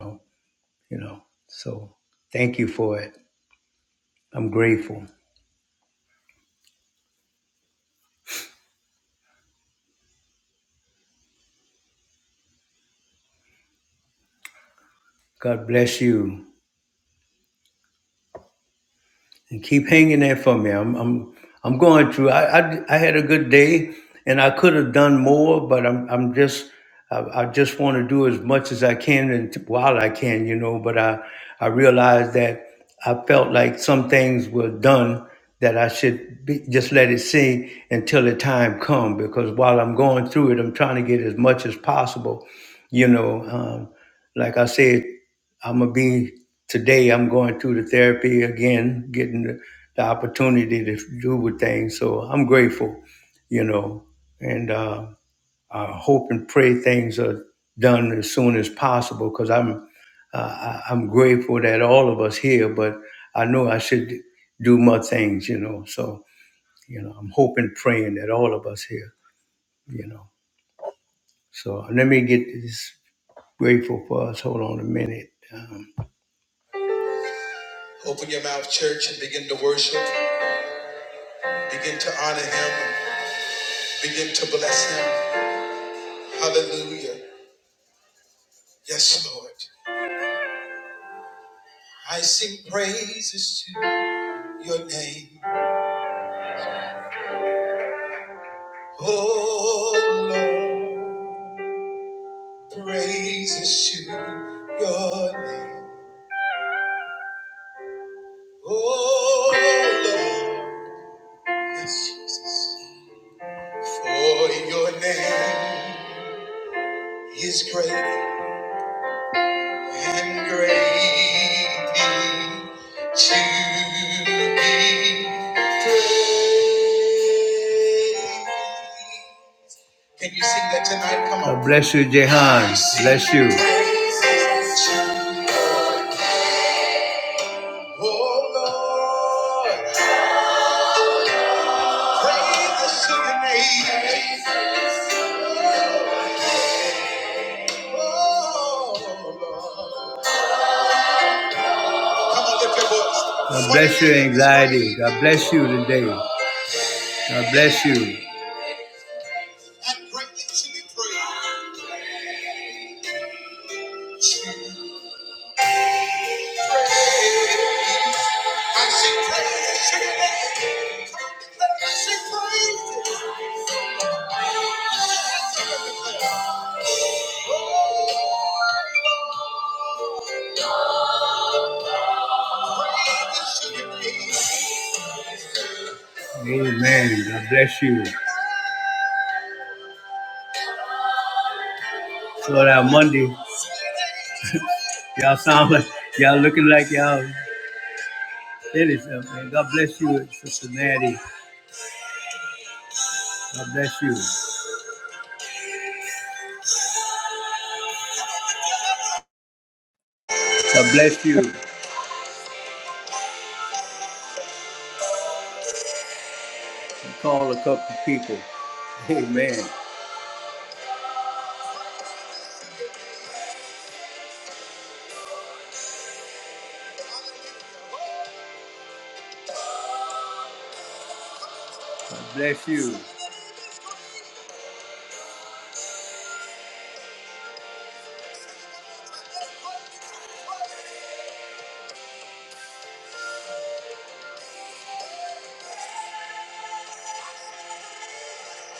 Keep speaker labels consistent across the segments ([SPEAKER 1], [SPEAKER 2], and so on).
[SPEAKER 1] you know. So thank you for it. I'm grateful. God bless you. and keep hanging there for me. I'm I'm I'm going through. I I, I had a good day, and I could have done more, but I'm I'm just I, I just want to do as much as I can and t- while I can, you know. But I I realized that I felt like some things were done that I should be, just let it sink until the time come because while I'm going through it, I'm trying to get as much as possible, you know. Um, like I said. I'm gonna be today. I'm going through the therapy again, getting the, the opportunity to do with things. So I'm grateful, you know, and uh, I hope and pray things are done as soon as possible because I'm uh, I- I'm grateful that all of us here, but I know I should do more things, you know. So you know, I'm hoping, praying that all of us here, you know. So let me get this grateful for us. Hold on a minute. Um, Open your mouth, church, and begin to worship. Begin to honor him. Begin to bless him. Hallelujah. Yes, Lord. I sing praises to your name. Oh, Lord. Praises to your name. Oh, Lord. Yes, Jesus. For your name is great And greatly to be praised. Can you sing that tonight? Come on. God bless you, Jehan. Bless you. Praises Oh Oh God bless you, anxiety. God bless you today. God bless you. And greatly to be praised. Amen. God bless you. So that Monday, y'all sound like y'all looking like y'all. That finished. uh, man, God bless you, Sister Maddie. God bless you. God bless you. Call a couple people. Amen. God bless you.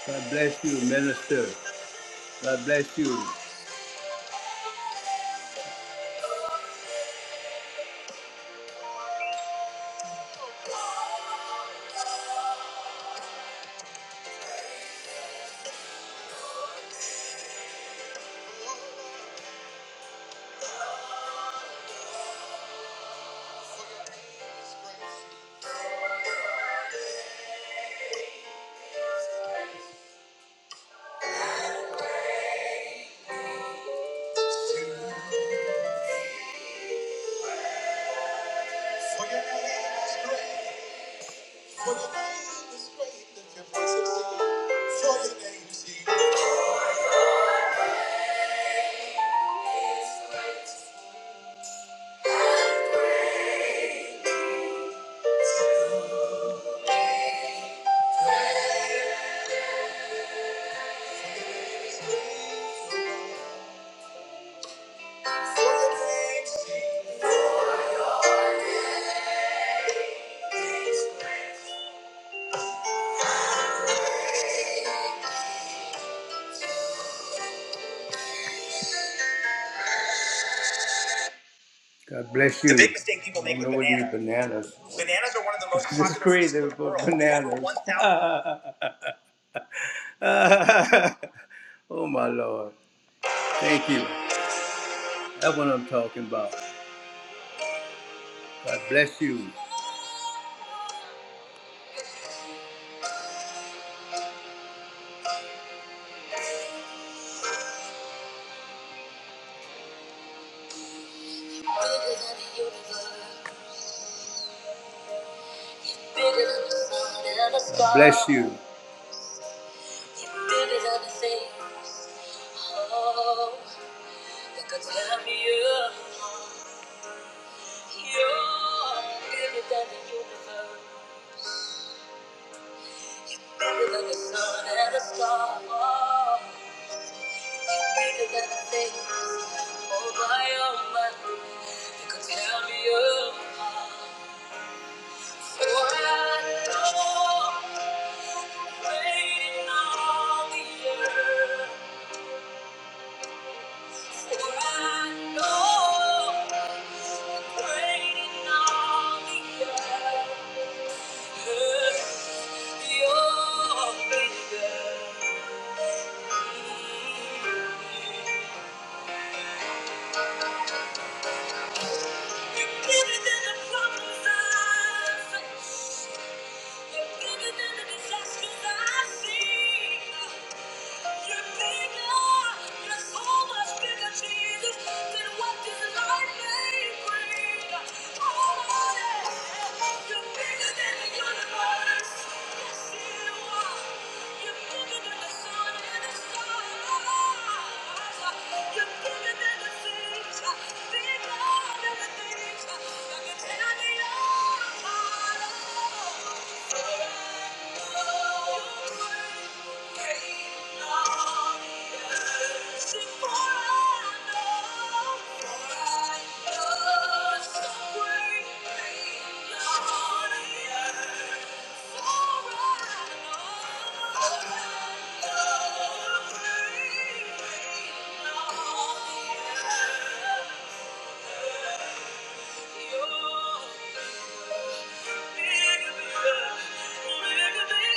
[SPEAKER 1] God bless you, minister. God bless you. For your name is great. For your name is great. Lift your voice and sing. For your name is healing. God bless you. The big mistake people make with know what bananas. eat bananas. Bananas are one of the most It's crazy foods in crazy the about world. Over bananas. Over 1,000 oh my lord. Thank you. That's what I'm talking about. God bless you. God Bless you. oh, You're Bigger than the universe, bigger than the sun and the stars. You're bigger than the things. Oh my, oh my, you could tear me apart. So I know, waiting on the earth. So I know, waiting on the earth. You're bigger than the disasters I see. You're bigger. You're so much bigger, Jesus, than what this life may bring. Oh, yeah. You're bigger than the universe. Yes, you are. You're bigger than the sun and the stars. You're bigger than the things. Bigger than the things that can tear me apart. Thank you.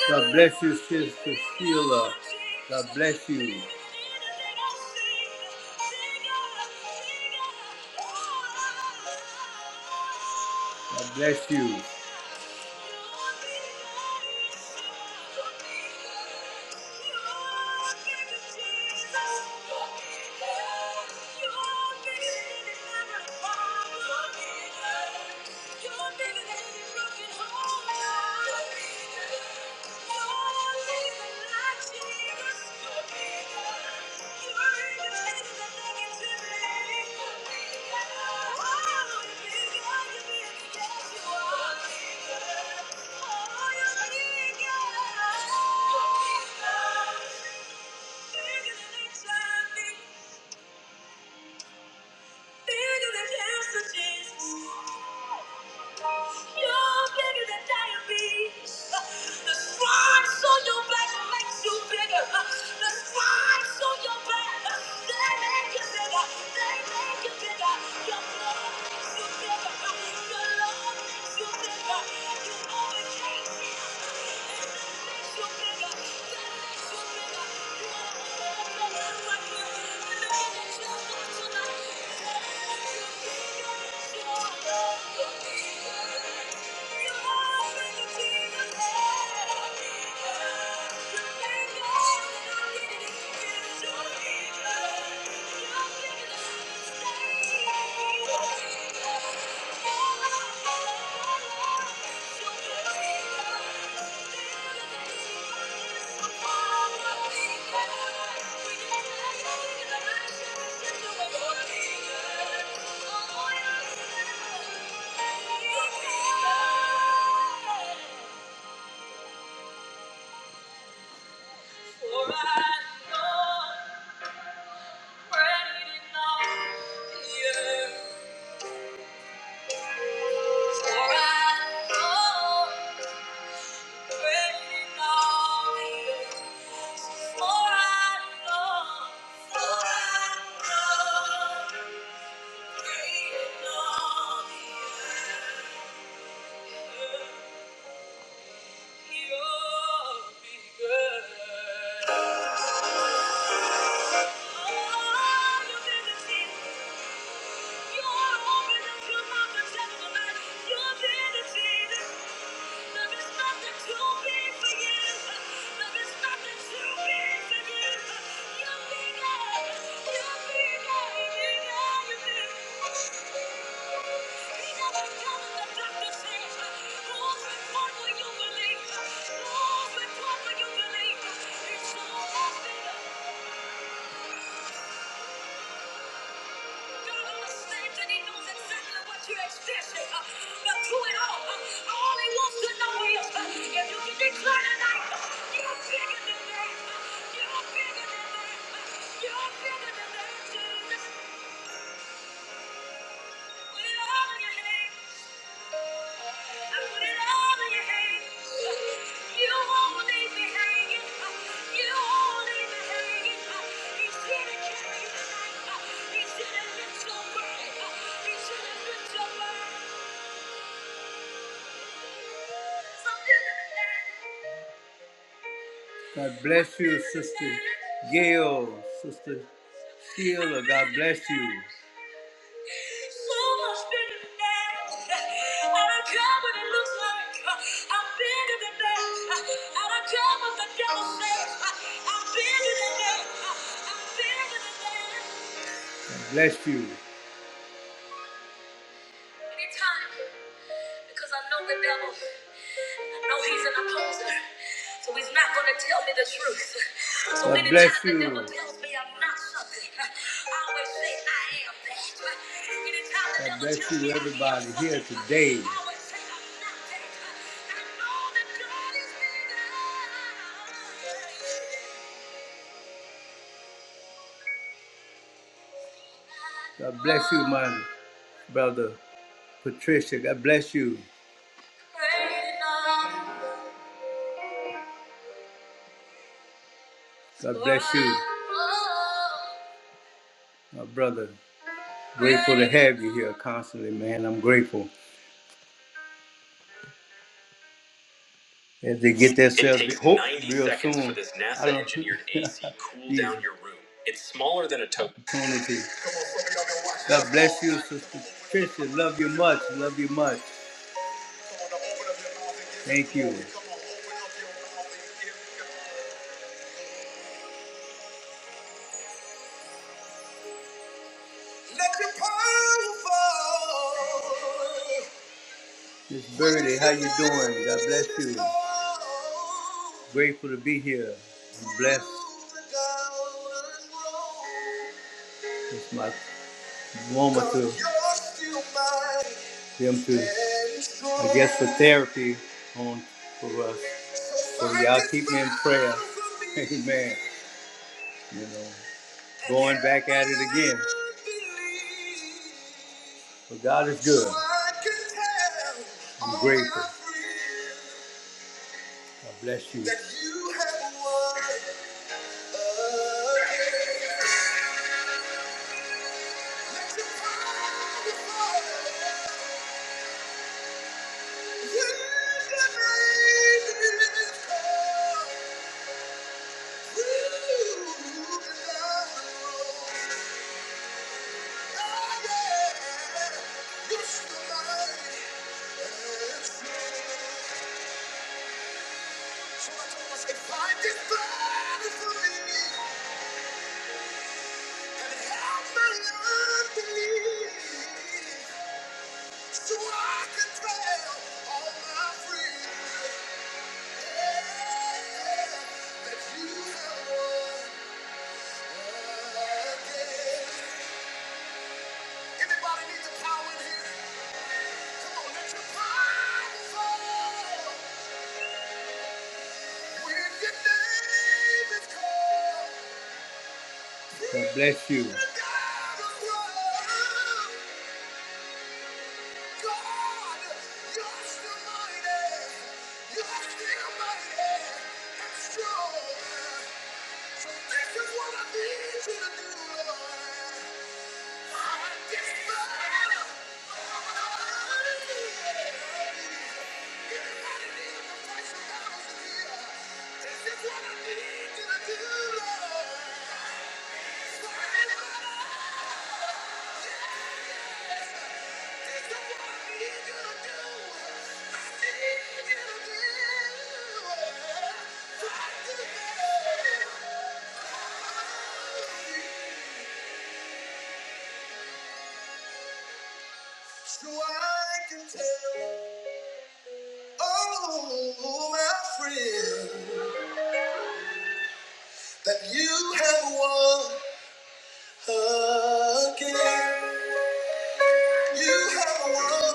[SPEAKER 1] God bless you, Sister Sheila. God bless you. God bless you. You're bigger than any broken heart. You're bigger. Thank you. Bigger than cancer, Jesus. You're bigger than diabetes. The stripes on your back makes you bigger. The stripes on your back, they make you bigger. They make you bigger. Your blood makes you bigger. Your love makes you bigger. You overcame sin. And that makes you bigger. That makes you bigger. You are more than a right Thank you. For I know For I know, for I know. Your ability, your ability, Thank you. Don't understand he knows exactly what you're experiencing. uh, But through it all, uh, all he wants to know is uh, if you can declare tonight, uh, you're bigger than that. uh, You're bigger than that. uh, You're bigger than that. Uh, listen God bless you, Sister Gail, Sister Sheila. God bless you. So much bigger than that. I don't care what it looks like. uh, I'm bigger than that. I don't care what the devil says. uh, I'm bigger than that. I'm bigger than that. God bless you. Anytime, because I know the devil. No, he's an opposer. So he's not going to tell me the truth. So God many bless times the you. The devil tells me I'm not something. I always say I am that. Anytime the God devil bless tells me you, me I am everybody something, here today. I always say I'm not that. I know that God is bigger. God bless you, my brother Patricia. God bless you. God bless you, my brother. Grateful to have you here constantly, man. I'm grateful as they get this opportunity. God bless you, Sister Tricia. Love you much. Love you much. Thank you. Let your power fall. Miss Birdie, how you doing? God bless you. Grateful to be here. I'm blessed. It's my Wilma to them to, I guess, for therapy on for us. So y'all keep me in prayer. Amen. You know, going back at it again. But God is good. I'm grateful. God bless you. So I can tell all my friends that you have won. Anybody God bless you. So this is what I need you to do, Lord. So I can tell, oh, my friend, that you have won. again. You have won.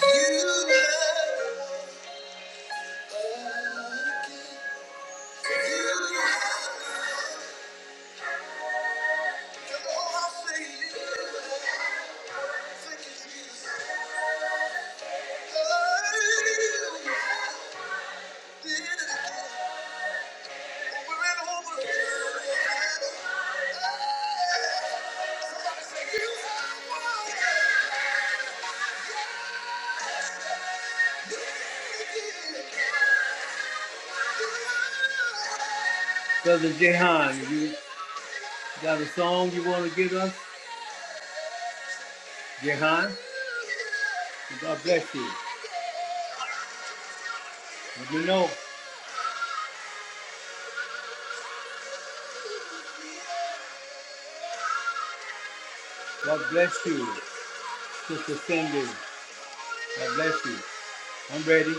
[SPEAKER 1] You have again. You have. Oh, I see you. Thank you, Jesus. Hey, you did it again. Over and over again. Somebody say you have won. Brother Jehan, you got a song you want to give us? Jehan, God bless you. You know, God bless you. Sister Cindy, God bless you. I'm ready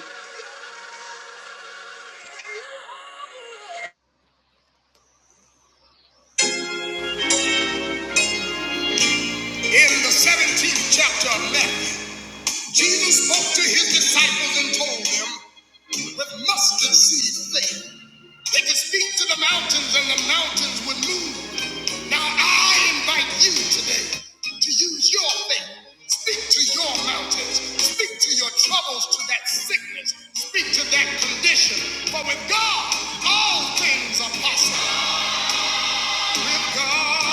[SPEAKER 2] In the 17th chapter of Matthew, Jesus spoke to his disciples and told them, with mustard seed faith, they could speak to the mountains and the mountains would move. Now I invite you today to use your faith. Speak to your mountains. Speak to your troubles, to that sickness. Speak to that condition. For with God, all things are possible. With God,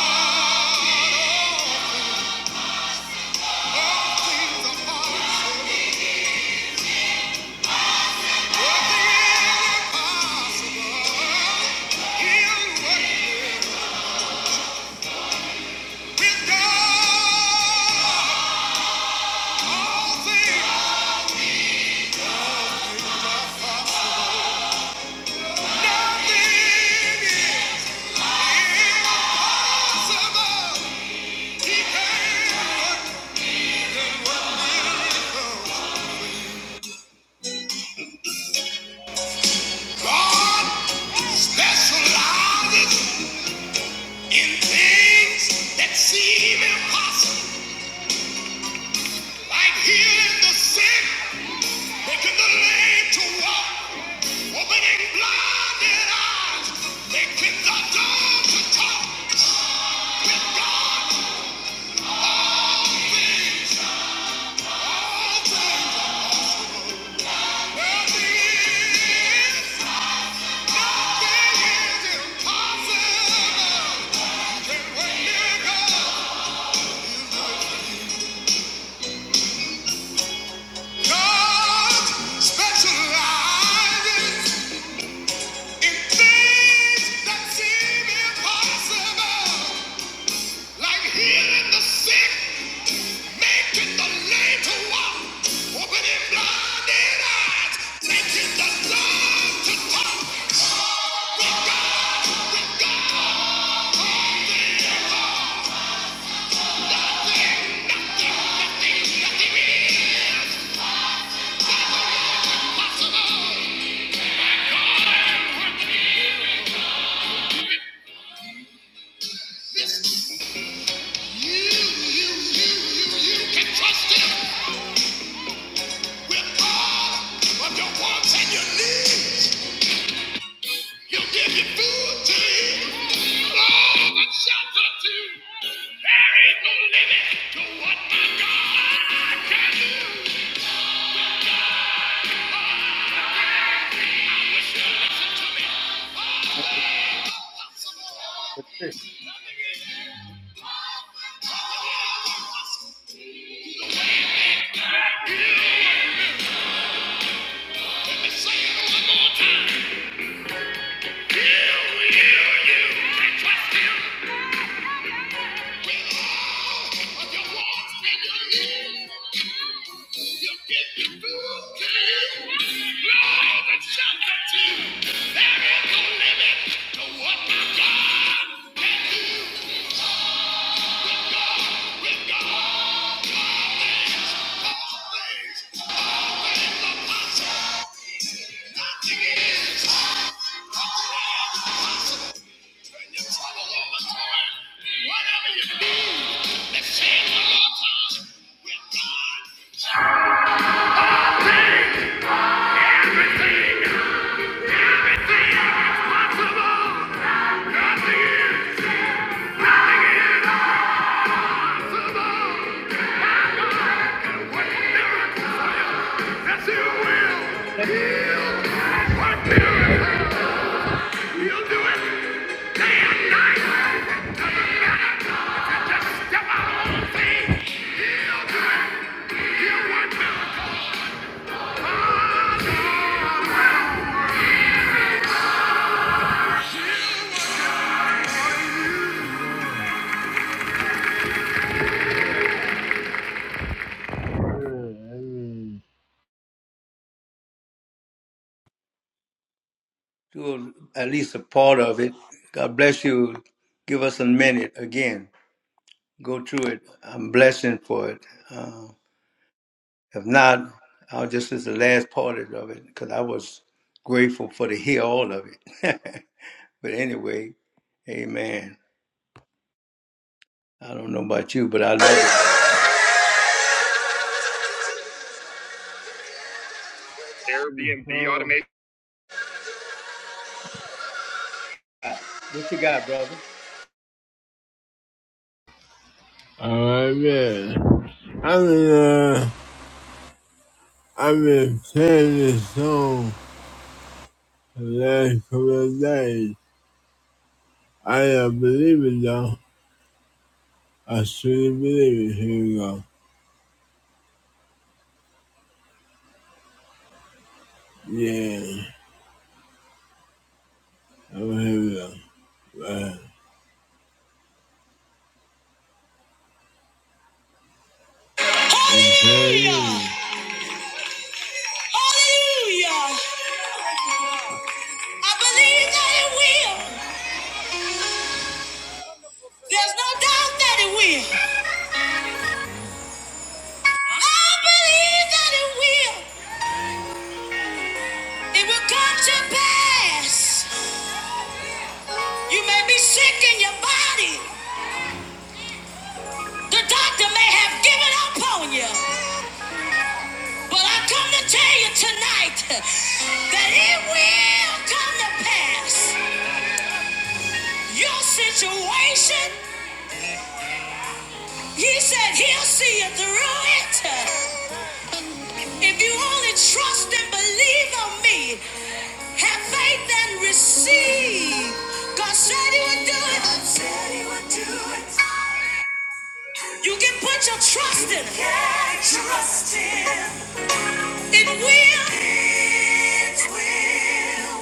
[SPEAKER 2] all God specializes in things that seem impossible. Like healing the sick, making the lame to walk, opening blinded eyes, making the dumb to talk. With God, nothing is, nothing is impossible. Can we miracle? God specializes in things that seem impossible. like healing the sick, making the lame to walk, opening blinded eyes, making the dumb to talk. But God ain't nothing, nothing in this. You, you, you, you, you can trust Him with all of your wants and your needs. He'll give you food to eat, clothes and shelter to. There is no limit to what my God can do. That's your will. What miracle? You'll do it day and night. Doesn't matter.
[SPEAKER 1] to at least a part of it. God bless you. Give us a minute again. Go through it. I'm blessing for it. Uh, if not, I'll just is the last part of it because I was grateful for to hear all of it. but anyway, amen. I don't know about you, but I love it.
[SPEAKER 2] Airbnb automation.
[SPEAKER 1] What you got, brother?
[SPEAKER 2] Alright, man. I've been, uh, I've been playing this song the last couple of days. I don't believe it though. I truly believe it. Here we go. Yeah. Oh, here we go. Right. Hallelujah! Hallelujah! I believe that it will. There's no doubt that it will. I believe that it will. It will come to pass. You may be sick in your body. The doctor may have given up on you. But I come to tell you tonight that it will come to pass. Your situation, he said he'll see you through it. If you only trust and believe on me, have faith and receive. God said he would do it. God said he would do it. You can put your trust in it. Can trust him? it will. It will.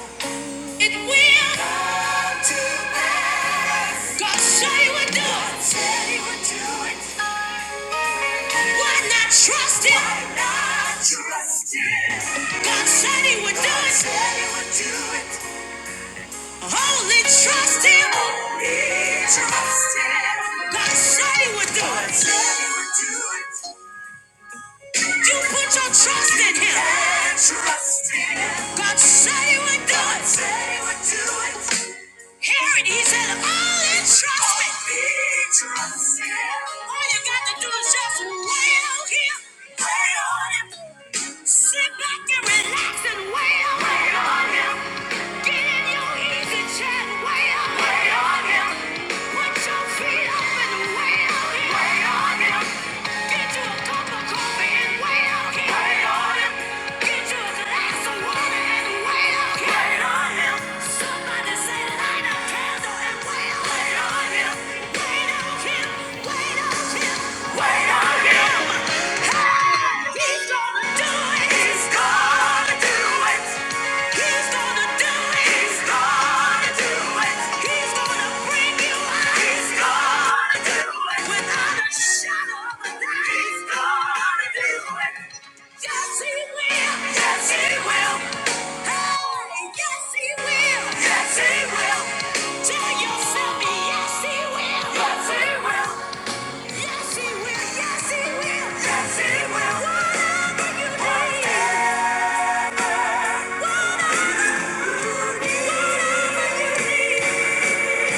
[SPEAKER 2] It will. Come to pass. God said he would do it. God Said he would do it. Why not trust him? Why not trust him? God said he would do it. God Said he would do it. Only trust him. Only trust him. God said he would do it. God said he would do it. You put your trust in him. Yeah, trust in him. God said he would do God it. said he would do it. Hear it. He said, all in trust me. All in trust him. All you got to do is just wait out here. Wait on him. Sit back and relax and wait on him. Wait on him. Get in your easy chair and wait on him. Wait on him. Put your feet up and wait on him. Wait on him. Get He's gonna do it. He's gonna do it. Yes, he will. Tell yourself, yes, he will. Yes, he will. Yes, he will. Yes, he will. Yes, he will. Whatever you need.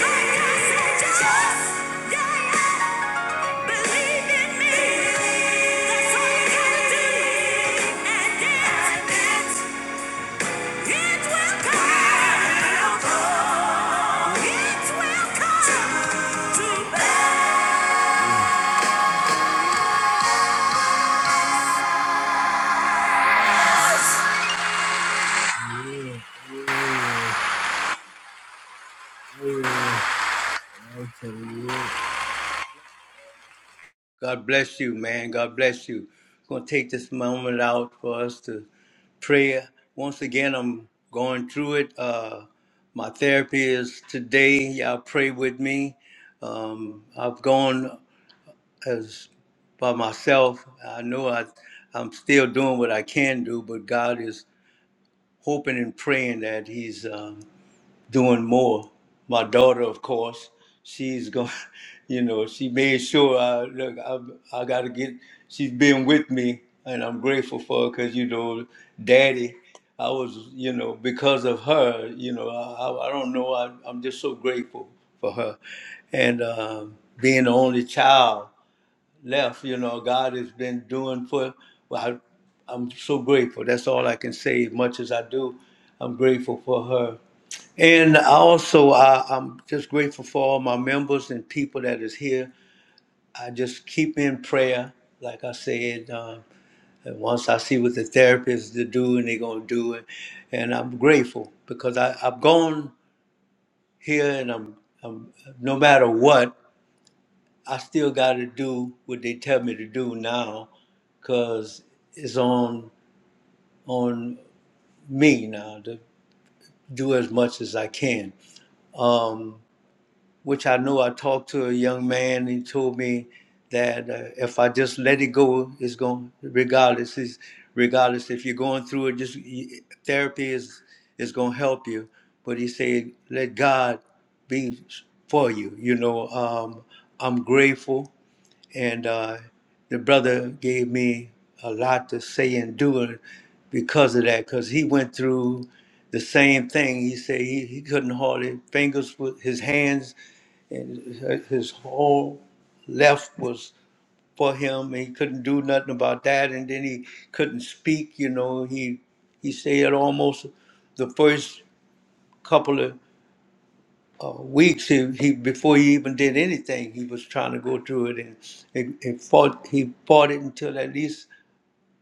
[SPEAKER 2] Whatever you need. Whatever you need. Yeah, yeah,
[SPEAKER 1] God bless you, man. God bless you. I'm gonna take this moment out for us to pray. Once again, I'm going through it. Uh, my therapy is today. Y'all pray with me. Um, I've gone as by myself. I know I, I'm still doing what I can do, but God is hoping and praying that He's uh, doing more. My daughter, of course, she's going. You know, she made sure I look. I, I got to get. She's been with me, and I'm grateful for her because you know, Daddy. I was, you know, because of her. You know, I, I I don't know. I, I'm just so grateful for her, and um, being the only child left. You know, God has been doing for. Well, I, I'm so grateful. That's all I can say. Much as I do, I'm grateful for her and I also, I, I'm just grateful for all my members and people that is here. I just keep in prayer, like I said. Um, and once I see what the therapists to do, and they're gonna do it, and I'm grateful because I, I've gone here, and I'm, I'm no matter what, I still got to do what they tell me to do now, because it's on on me now to do as much as I can. Um, which I know I talked to a young man. He told me that uh, if I just let it go, it's going regardless. It's, regardless if you're going through it, just y- therapy is is going to help you. But he said, let God be for you. You know, um, I'm grateful, and uh, the brother gave me a lot to say and do because of that, because he went through the same thing. He said he, he couldn't hardly fingers with his hands and his whole left was for him and he couldn't do nothing about that and then he couldn't speak you know he he said almost the first couple of uh, weeks he, he before he even did anything he was trying to go through it and it, it fought he fought it until at least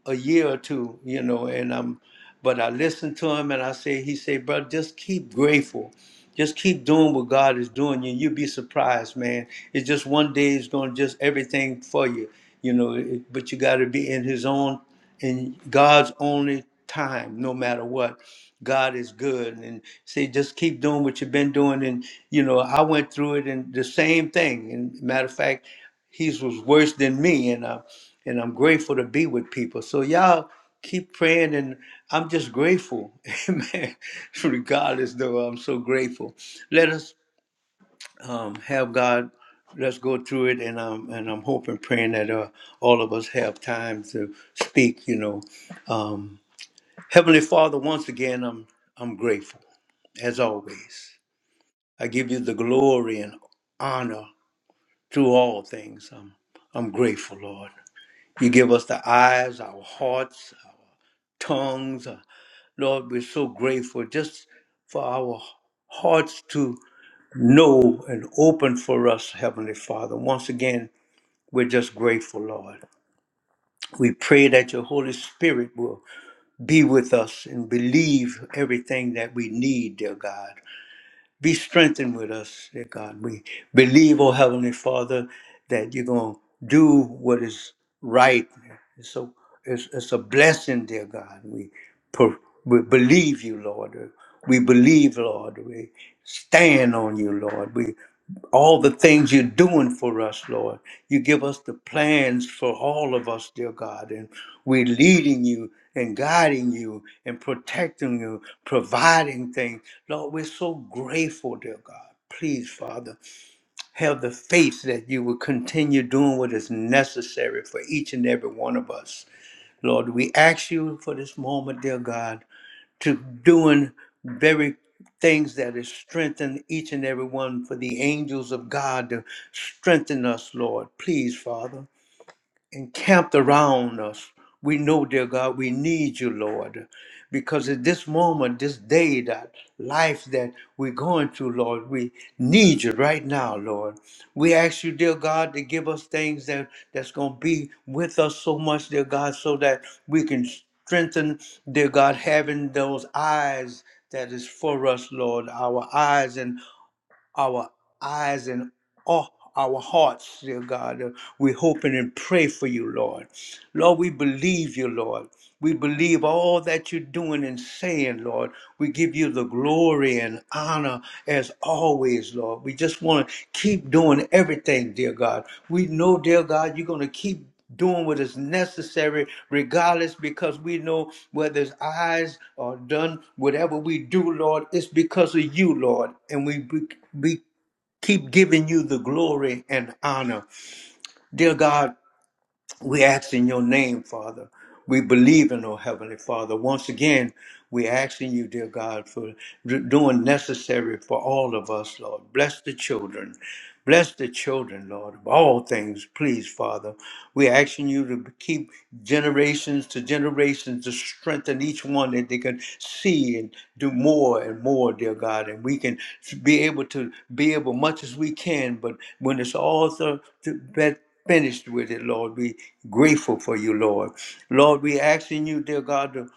[SPEAKER 1] a year or two, you know, and I'm but I listened to him and I say he said, bro, just keep grateful. Just keep doing what God is doing you. You'll be surprised, man. It's just one day it's gonna just everything for you, you know, it- but you gotta be in his own in God's only time, no matter what. God is good. And say, just keep doing what you've been doing. And, you know, I went through it and the same thing. And matter of fact, his was worse than me. and. uh, and I'm grateful to be with people. So y'all keep praying, and I'm just grateful, Amen. Regardless, though, I'm so grateful. Let us um, have God. Let's go through it, and I'm and I'm hoping, praying that uh, all of us have time to speak. You know, um, Heavenly Father, once again, I'm I'm grateful as always. I give you the glory and honor through all things. I'm I'm grateful, Lord. You give us the eyes, our hearts, tongues. Uh, Lord, we're so grateful just for our hearts to know and open for us, Heavenly Father. Once again, we're just grateful, Lord. We pray that your Holy Spirit will be with us and believe everything that we need, dear God. Be strengthened with us, dear God. We believe, oh Heavenly Father, that you're going to do what is right. It's, So it's, it's a blessing, dear God. We, per, we believe you, Lord. We believe, Lord. We stand on you, Lord. We all the things you're doing for us, Lord. You give us the plans for all of us, dear God, and we're leading you and guiding you and protecting you, providing things. Lord, we're so grateful, dear God. Please, Father, have the faith that you will continue doing what is necessary for each and every one of us. Lord, we ask you for this moment, dear God to doing very things that is strengthen each and every one for the angels of God to strengthen us, Lord. Please, Father encamped around us. We know, dear God, we need you, Lord, because at this moment, this day, that life that we're going through, Lord, we need you right now, Lord. We ask you, dear God, to give us things that that's going to be with us so much, dear God, so that we can strengthen, dear God, having those eyes that is for us, Lord, our eyes and our eyes and all our hearts, dear God. Uh, We hope and pray for you, Lord. Lord, we believe you, Lord. We believe all that you're doing and saying, Lord. We give you the glory and honor as always, Lord. We just want to keep doing everything, dear God. We know, dear God, you're going to keep doing what is necessary regardless because we know whether it's eyes or done whatever we do lord it's because of you lord and we be, be keep giving you the glory and honor. Dear God, we ask in your name, Father. We believe in, oh Heavenly Father. Once again, we asking you, dear God, for d- doing necessary for all of us, Lord. Bless the children. Bless the children, Lord, of all things, please, Father. we asking you to keep generations to generations to strengthen each one that they can see and do more and more, dear God. And we can be able to be able much as we can, but when it's all th- finished with it, Lord. We grateful for you, Lord. Lord, we asking you, dear God, to,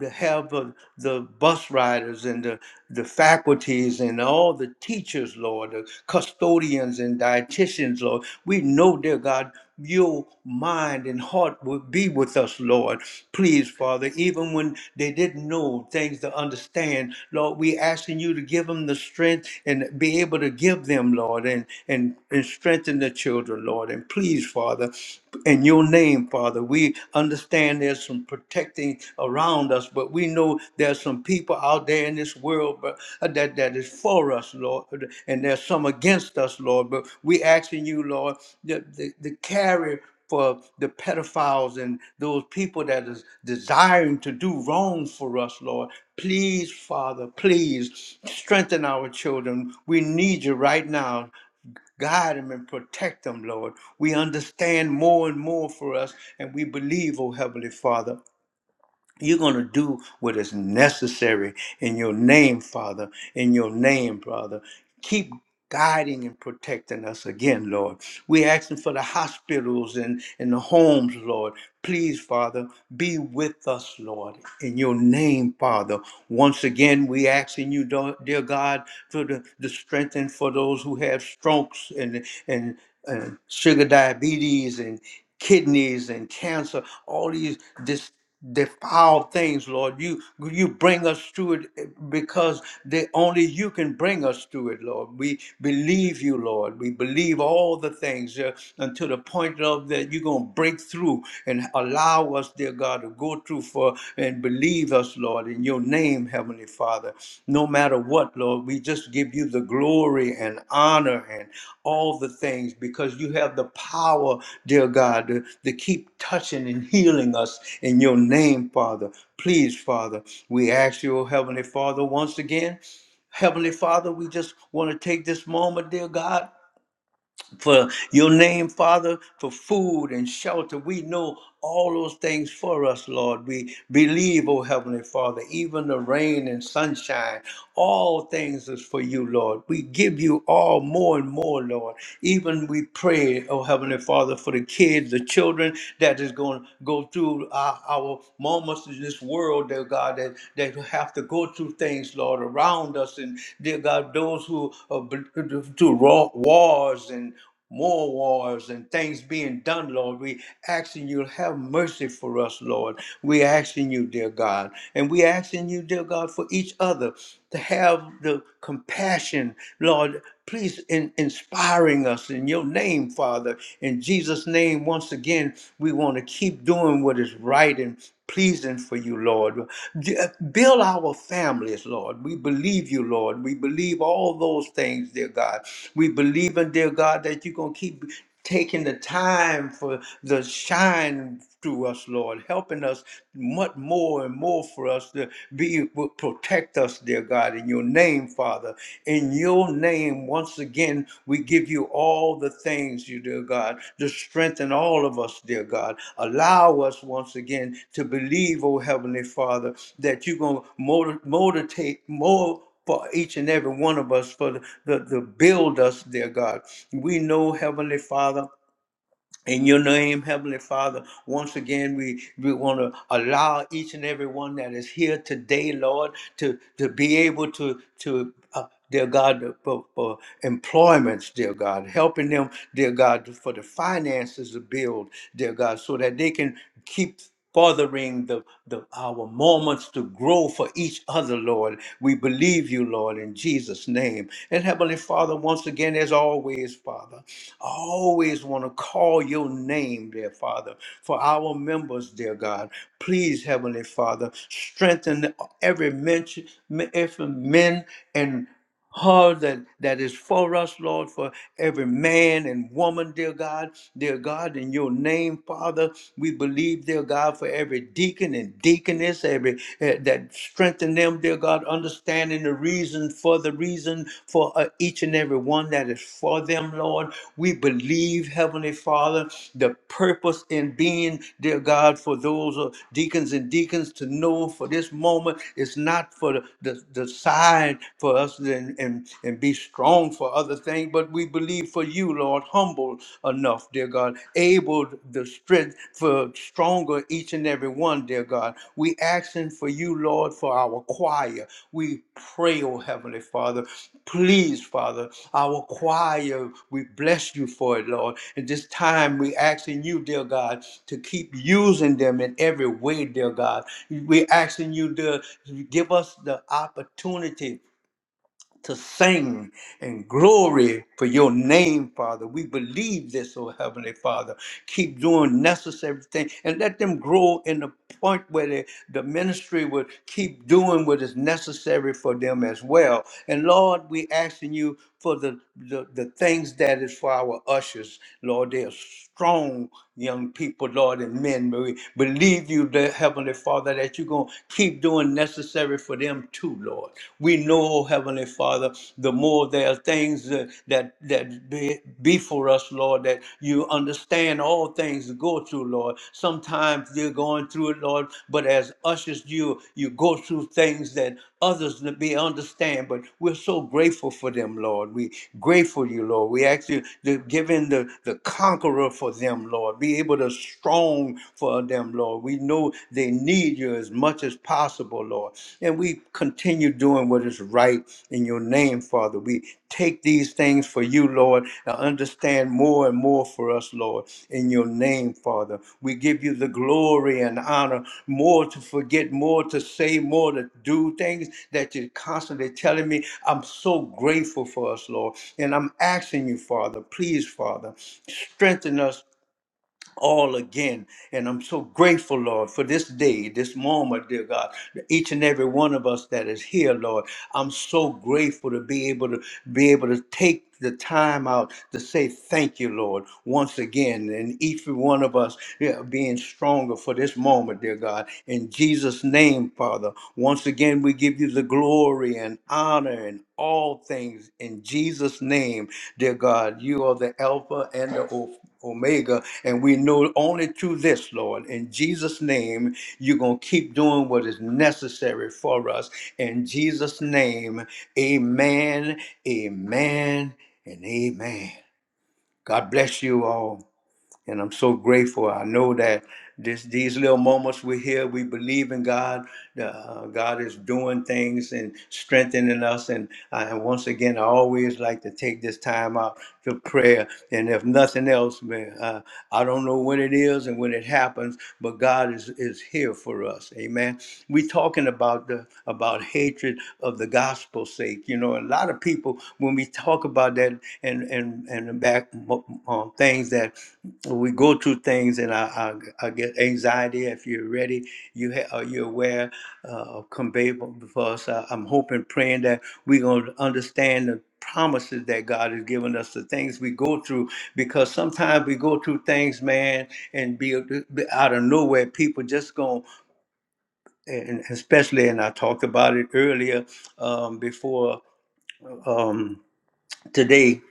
[SPEAKER 1] to help of the bus riders and the, the faculties and all the teachers, Lord, the custodians and dietitians, Lord. We know, dear God, your mind and heart would be with us, Lord. Please, Father, even when they didn't know things to understand, Lord, we asking you to give them the strength and be able to give them, Lord, and and, and strengthen the children, Lord. And please, Father, in your name, Father, we understand there's some protecting around us, but we know there's some people out there in this world but, that, that is for us, Lord, uh, and there's some against us, Lord. But we asking you, Lord, the, the, the carrier for the pedophiles and those people that is desiring to do wrong for us, Lord. Please, Father, please strengthen our children. We need you right now. Guide them and protect them, Lord. We understand more and more for us, and we believe, oh Heavenly Father. You're going to do what is necessary in your name, Father, in your name, brother. Keep guiding and protecting us again, Lord. We're asking for the hospitals and, and the homes, Lord. Please, Father, be with us, Lord, in your name, Father. Once again, we asking you, do- dear God, for the, the strength and for those who have strokes and, and, and sugar diabetes and kidneys and cancer, all these dis Defile things, Lord. You you bring us through it eh, because they, only you can bring us through it, Lord. We believe you, Lord. We believe all the things uh, until the point of that you're gonna break through and allow us, dear God, to go through for and believe us, Lord, in your name, Heavenly Father no matter what, Lord. We just give you the glory and honor and all the things because you have the power, dear God, to, to keep touching and healing us in your name, Father. Please, Father, we ask you, oh Heavenly Father, once again. Heavenly Father, we just want to take this moment, dear God for your name, Father, for food and shelter. We know all those things for us, Lord. We believe, oh Heavenly Father, even the rain and sunshine, all things is for you, Lord. We give you all more and more, Lord. Even we pray, oh Heavenly Father, for the kids, the children that is going to go through our, our moments in this world, dear God, That that, that have to go through things, Lord, around us. And dear God, those who are bl- through raw wars and more wars and things being done, Lord. We asking you to have mercy for us, Lord. We asking you, dear God. And we asking you, dear God, for each other to have the compassion, Lord please in inspiring us in your name, Father. In Jesus' name, once again, we want to keep doing what is right and pleasing for you, Lord. D- Build our families, Lord. We believe you, Lord. We believe all those things, dear God. We believe in, dear God, that you're going to keep taking the time for the shine through us, Lord, helping us much more and more for us to be protect us, dear God, in your name, Father. In your name, once again, we give you all the things, you dear God, to strengthen all of us, dear God. Allow us once again to believe, oh Heavenly Father, that you're gonna motivate, motivate, more for each and every one of us for the, the, the build us, dear God. We know, Heavenly Father. In your name, Heavenly Father, once again, we, we want to allow each and every one that is here today, Lord, to, to be able to, to uh, dear God, for, for employments, dear God, helping them, dear God, for the finances to build, dear God, so that they can keep fathering the, the our moments to grow for each other, Lord. We believe you, Lord, in Jesus' name. And Heavenly Father, once again, as always, Father, I always want to call your name, dear Father, for our members, dear God. Please, Heavenly Father, strengthen every mention, every men and all that, that is for us, Lord, for every man and woman, dear God, dear God, in your name, Father, we believe, dear God, for every deacon and deaconess, every eh, that strengthen them, dear God, understanding the reason for the reason for uh, each and every one that is for them, Lord. We believe, Heavenly Father, the purpose in being, dear God, for those uh, deacons and deacons to know for this moment it's not for the, the, the side, for for us and, and, and be strong for other things, but we believe for you, Lord, humble enough, dear God, able the strength for stronger each and every one, dear God. We asking for you, Lord, for our choir. We pray, oh Heavenly Father, please, Father, our choir, we bless you for it, Lord. At this time, we asking you, dear God, to keep using them in every way, dear God. We asking you to give us the opportunity to sing and glory for your name, Father. We believe this, oh Heavenly Father. Keep doing necessary things and let them grow in the point where the, the ministry will keep doing what is necessary for them as well. And Lord, we asking you for the, the, the things that is for our ushers. Lord, they are strong young people, Lord, and men. We believe you, dear Heavenly Father, that you're going to keep doing necessary necessary for them too, Lord. We know, Heavenly Father, the more there are things uh, that that be, be for us, Lord, that you understand all things go through, Lord. Sometimes you're going through it, Lord, but as ushers, you you go through things that others to be understand. But we're so grateful for them, Lord. We grateful you, Lord. We ask you to give in the, the conqueror for them, Lord. Be able to strong for them, Lord. We know they need you as much as possible, Lord. And we continue doing what is right in your name, Father. We take these these things for you, Lord, and understand more and more for us, Lord, in your name, Father. We give you the glory and honor, more to forget, more to say, more to do things that you're constantly telling me. I'm so grateful for us, Lord. And I'm asking you, Father, please, Father, strengthen us all again. And I'm so grateful, Lord, for this day, this moment, dear God. Each and every one of us that is here, Lord. I'm so grateful to be able to be able to take the time out to say thank you, Lord, once again, and each one of us yeah, being stronger for this moment, dear God. In Jesus' name, Father, once again, we give you the glory and honor and all things in Jesus' name, dear God. You are the Alpha and the Omega. Omega. And we know only through this, Lord. In Jesus' name, you're going to keep doing what is necessary for us. In Jesus' name, amen, amen, and amen. God bless you all and I'm so grateful. I know that this these little moments we're here, we believe in God. Uh, God is doing things and strengthening us. And I, and once again, I always like to take this time out to prayer. And if nothing else, man, uh, I don't know when it is and when it happens happens, but God is, is here for us. Amen. We're talking about the about hatred of the gospel's sake. You know, a lot of people when we talk about that and and and the back um, things that we go through things and I, I, I get anxiety. If you're ready, you ha- are you aware? uh, convey before us. I, I'm hoping, praying that we're going to understand the promises that God has given us, the things we go through, because sometimes we go through things, man, and be, be out of nowhere. People just going, and especially, and I talked about it earlier um, before um, today.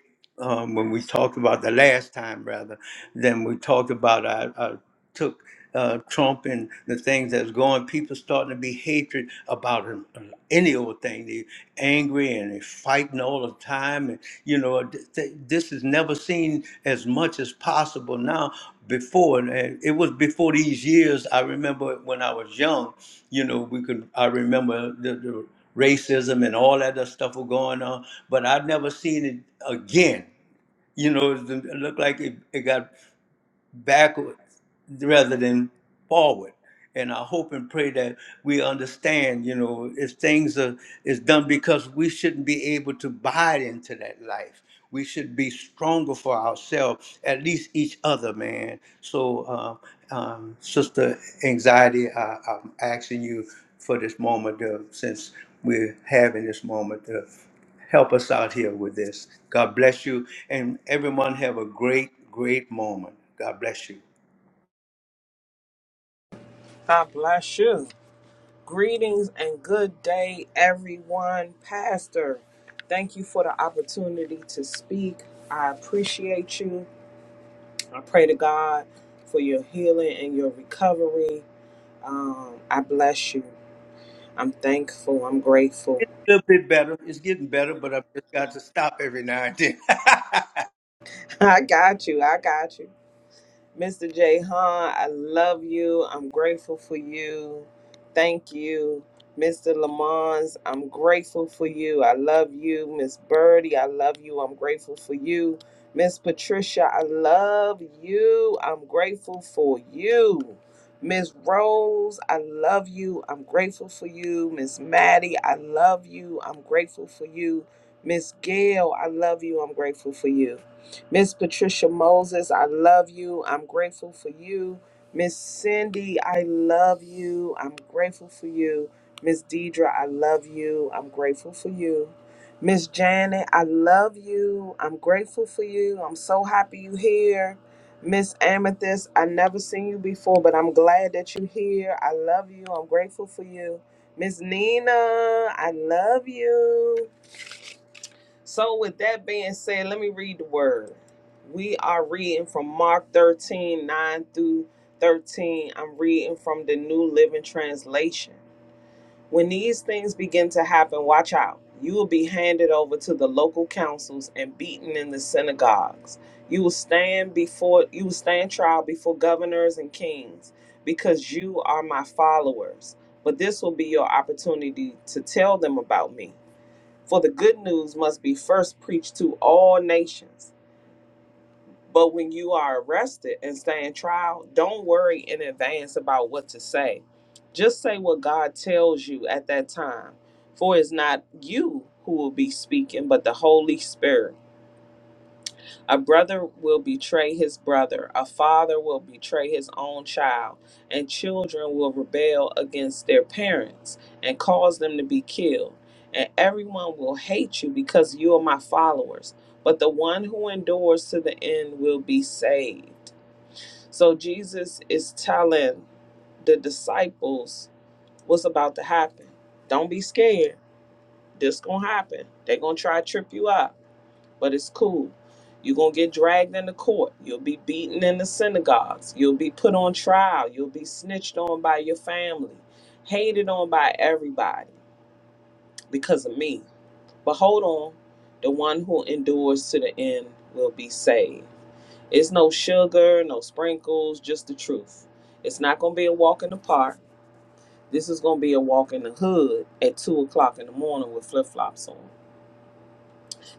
[SPEAKER 1] Um, when we talked about the last time, rather, than we talked about, I, I took uh, Trump and the things that's going, people starting to be hatred about him. uh, Any old thing, they angry and they fighting all the time, and you know th- th- this is never seen as much as possible now. Before and it was before these years. I remember when I was young, you know, we could. I remember the, the racism and all that other stuff were going on, but I've never seen it again. You know, it looked like it, it got backward rather than forward. And I hope and pray that we understand, you know, if things are is done because we shouldn't be able to buy into that life. We should be stronger for ourselves, at least each other, man. So, uh, um, Sister Anxiety, I, I'm asking you for this moment, uh, since we're having this moment. uh, help us out here with this. God bless you. And everyone have a great, great moment. God bless you.
[SPEAKER 3] God bless you. Greetings and good day, everyone. Pastor, thank you for the opportunity to speak. I appreciate you. I pray to God for your healing and your recovery. Um, I bless you. I'm thankful. I'm grateful.
[SPEAKER 1] It's a little bit better. It's getting better, but I've just got to stop every now and then.
[SPEAKER 3] I got you. I got you. Mr. Jay Han, I love you. I'm grateful for you. Thank you. Mr. Lamons, I'm grateful for you. I love you. Miss Birdie, I love you. I'm grateful for you. Miss Patricia, I love you. I'm grateful for you. Miss Rose, I love you. I'm grateful for you. Miss Maddie, I love you. I'm grateful for you. Miss Gail, I love you. I'm grateful for you. Miss Patricia Moses, I love you. I'm grateful for you. Miss Cindy, I love you. I'm grateful for you. Miss Deidre, I love you. I'm grateful for you. Miss Janet, I love you. I'm grateful for you. I'm so happy you here. Miss Amethyst, I never seen you before, but I'm glad that you're here. I love you. I'm grateful for you. Miss Nina, I love you. So, with that being said, let me read the word. We are reading from Mark 13 9 through 13. I'm reading from the New Living Translation. When these things begin to happen, watch out. You will be handed over to the local councils and beaten in the synagogues. You will stand before you will stand trial before governors and kings because you are my followers. But this will be your opportunity to tell them about me. For the good news must be first preached to all nations. But when you are arrested and stand trial, don't worry in advance about what to say. Just say what God tells you at that time. For it's not you who will be speaking, but the Holy Spirit a brother will betray his brother, a father will betray his own child, and children will rebel against their parents and cause them to be killed. And everyone will hate you because you are my followers, but the one who endures to the end will be saved. So Jesus is telling the disciples what's about to happen. Don't be scared. This gonna happen. They're gonna try to trip you up but it's cool. You're going to get dragged into court. You'll be beaten in the synagogues. You'll be put on trial. You'll be snitched on by your family, hated on by everybody because of me. But hold on, the one who endures to the end will be saved. It's no sugar, no sprinkles, just the truth. It's not going to be a walk in the park. This is going to be a walk in the hood at 2 o'clock in the morning with flip flops on.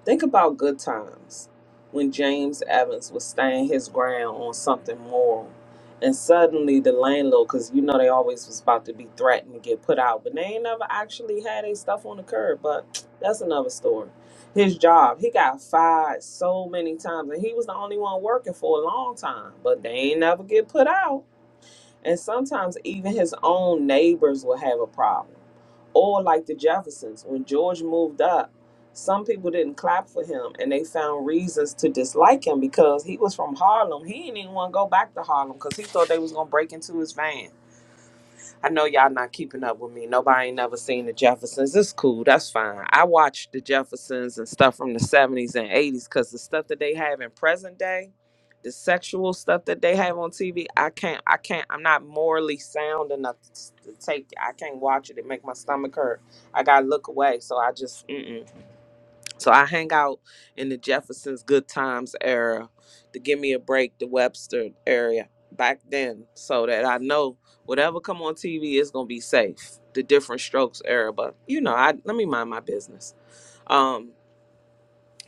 [SPEAKER 3] Think about good times when James Evans was staying his ground on something moral. And suddenly the landlord, because you know they always was about to be threatened to get put out, but they ain't never actually had their stuff on the curb. But that's another story. His job, he got fired so many times, and he was the only one working for a long time, but they ain't never get put out. And sometimes even his own neighbors will have a problem. Or like the Jeffersons, when George moved up, some people didn't clap for him and they found reasons to dislike him because he was from Harlem. He didn't even want to go back to Harlem because he thought they was gonna break into his van. I know y'all not keeping up with me. Nobody ain't never seen the Jeffersons. It's cool. That's fine. I watched the Jeffersons and stuff from the 70s and 80s because the stuff that they have in present day, the sexual stuff that they have on TV, I can't, I can't, I'm not morally sound enough to, to take it. I can't watch it. It make my stomach hurt. I got to look away. So I just, mm-mm. So I hang out in the Jefferson's Good Times era, the Give Me a Break, the Webster area back then, so that I know whatever come on TV is gonna be safe. The Different Strokes era, but you know, I let me mind my business. Um,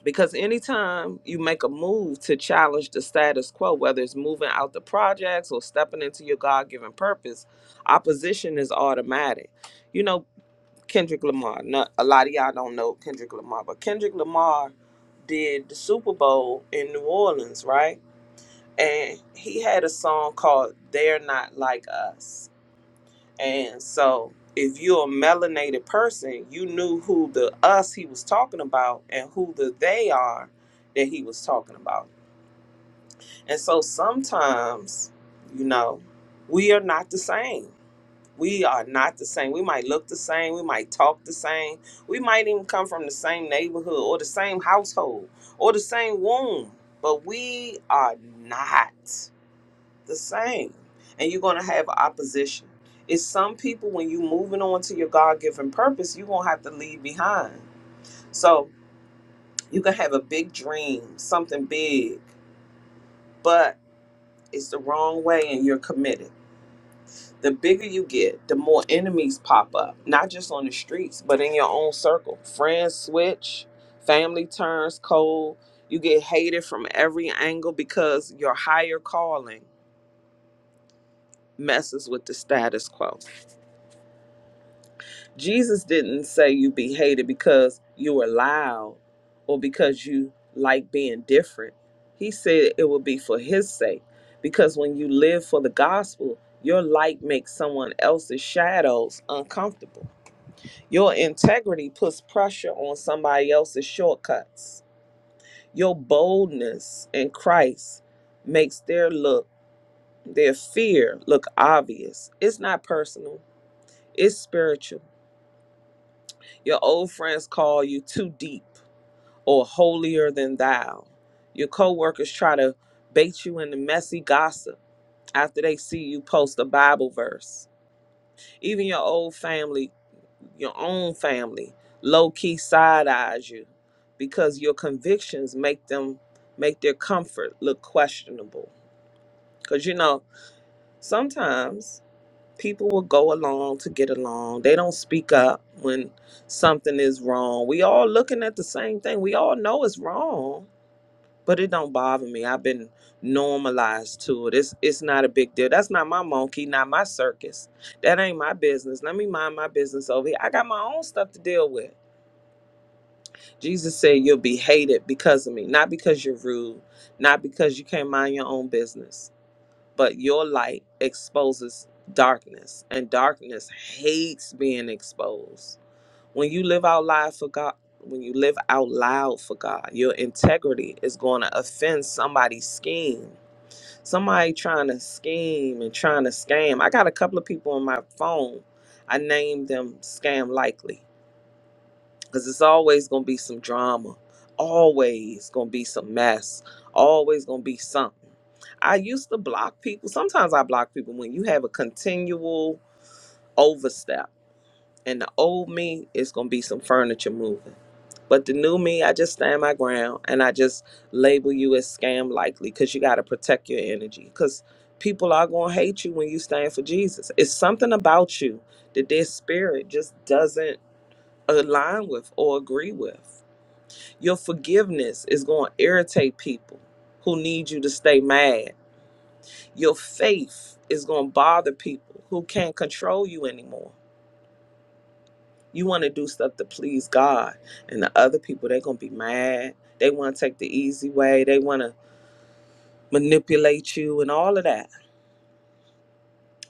[SPEAKER 3] because anytime you make a move to challenge the status quo, whether it's moving out the projects or stepping into your God-given purpose, opposition is automatic. You know, Kendrick Lamar. Not, a lot of y'all don't know Kendrick Lamar, but Kendrick Lamar did the Super Bowl in New Orleans, right? And he had a song called They're Not Like Us. And so if you're a melanated person, you knew who the us he was talking about and who the they are that he was talking about. And so sometimes, you know, we are not the same we are not the same. We might look the same. We might talk the same. We might even come from the same neighborhood or the same household or the same womb, but we are not the same. And you're going to have opposition. It's some people, when you're moving on to your God given purpose, you're going to have to leave behind. So you can have a big dream, something big, but it's the wrong way and you're committed the bigger you get, the more enemies pop up, not just on the streets, but in your own circle. Friends switch, family turns cold, you get hated from every angle because your higher calling messes with the status quo. Jesus didn't say you be hated because you were loud or because you like being different. He said it would be for his sake because when you live for the gospel, your light makes someone else's shadows uncomfortable Your integrity puts pressure on somebody else's shortcuts. Your boldness in Christ makes their look, their fear look obvious. It's not personal, it's spiritual. Your old friends call you too deep or holier than thou. Your coworkers try to bait you into messy gossip after they see you post a Bible verse. Even your old family, your own family, low key side eyes you because your convictions make them make their comfort look questionable. Cause you know, sometimes people will go along to get along. They don't speak up when something is wrong. We all looking at the same thing. We all know it's wrong but it don't bother me. I've been normalized to it. It's it's not a big deal. That's not my monkey, not my circus. That ain't my business. Let me mind my business over here. I got my own stuff to deal with. Jesus said you'll be hated because of me, not because you're rude, not because you can't mind your own business, but your light exposes darkness, and darkness hates being exposed. When you live out loud for God, when you live out loud for God, your integrity is going to offend somebody's scheme. Somebody trying to scheme and trying to scam. I got a couple of people on my phone. I named them Scam Likely because it's always going to be some drama, always going to be some mess, always going to be something. I used to block people. Sometimes I block people when you have a continual overstep and the old me is gonna be some furniture moving. But the new me, I just stand my ground and I just label you as scam likely because you gotta protect your energy. Cause people are gonna hate you when you stand for Jesus. It's something about you that their spirit just doesn't align with or agree with. Your forgiveness is gonna irritate people who need you to stay mad. Your faith is gonna bother people who can't control you anymore You want to do stuff to please God, and the other people they're gonna be mad. They want to take the easy way. They want to manipulate you and all of that.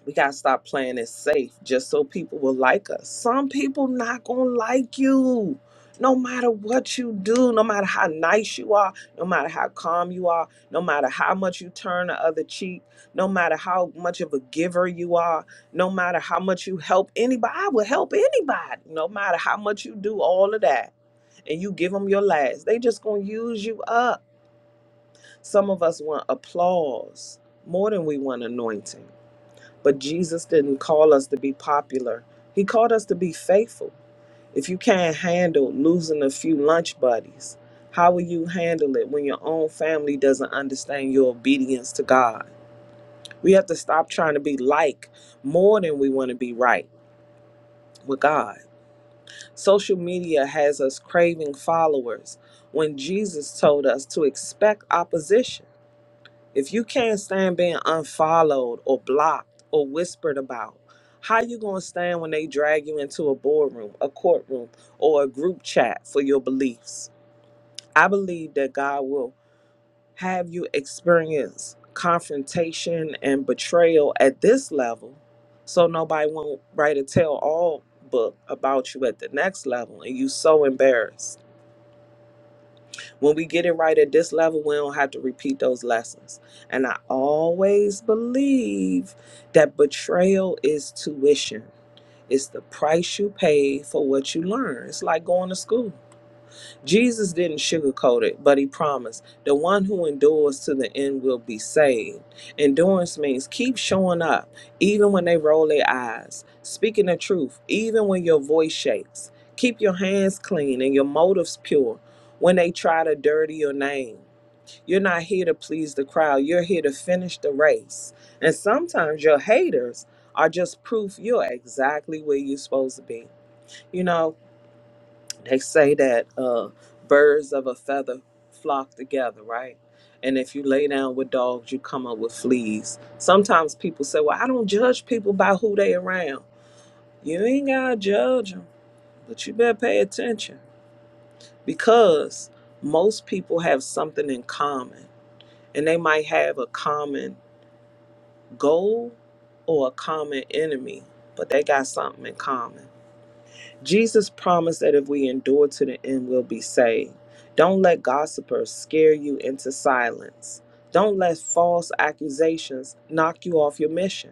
[SPEAKER 3] We gotta stop playing it safe just so people will like us. Some people not gonna like you, no matter what you do, no matter how nice you are, no matter how calm you are, no matter how much you turn the other cheek, no matter how much of a giver you are, no matter how much you help anybody. I will help anybody, no matter how much you do all of that and you give them your last. They just gonna use you up. Some of us want applause more than we want anointing. But Jesus didn't call us to be popular. He called us to be faithful. If you can't handle losing a few lunch buddies, how will you handle it when your own family doesn't understand your obedience to God? We have to stop trying to be like more than we want to be right with God. Social media has us craving followers when Jesus told us to expect opposition. If you can't stand being unfollowed or blocked or whispered about, how you going to stand when they drag you into a boardroom, a courtroom, or a group chat for your beliefs? I believe that God will. Have you experienced confrontation and betrayal at this level so nobody won't write a tell all book about you at the next level and you so embarrassed? When we get it right at this level, we don't have to repeat those lessons. And I always believe that betrayal is tuition. It's the price you pay for what you learn. It's like going to school Jesus didn't sugarcoat it, but he promised the one who endures to the end will be saved. Endurance means keep showing up, even when they roll their eyes, speaking the truth, even when your voice shakes. Keep your hands clean and your motives pure when they try to dirty your name. You're not here to please the crowd, you're here to finish the race. And sometimes your haters are just proof you're exactly where you're supposed to be. You know, they say that uh, birds of a feather flock together, right? And if you lay down with dogs, you come up with fleas. Sometimes people say, "Well, I don't judge people by who they around." You ain't gotta judge them, but you better pay attention because most people have something in common, and they might have a common goal or a common enemy, but they got something in common. Jesus promised that if we endure to the end, we'll be saved. Don't let gossipers scare you into silence. Don't let false accusations knock you off your mission.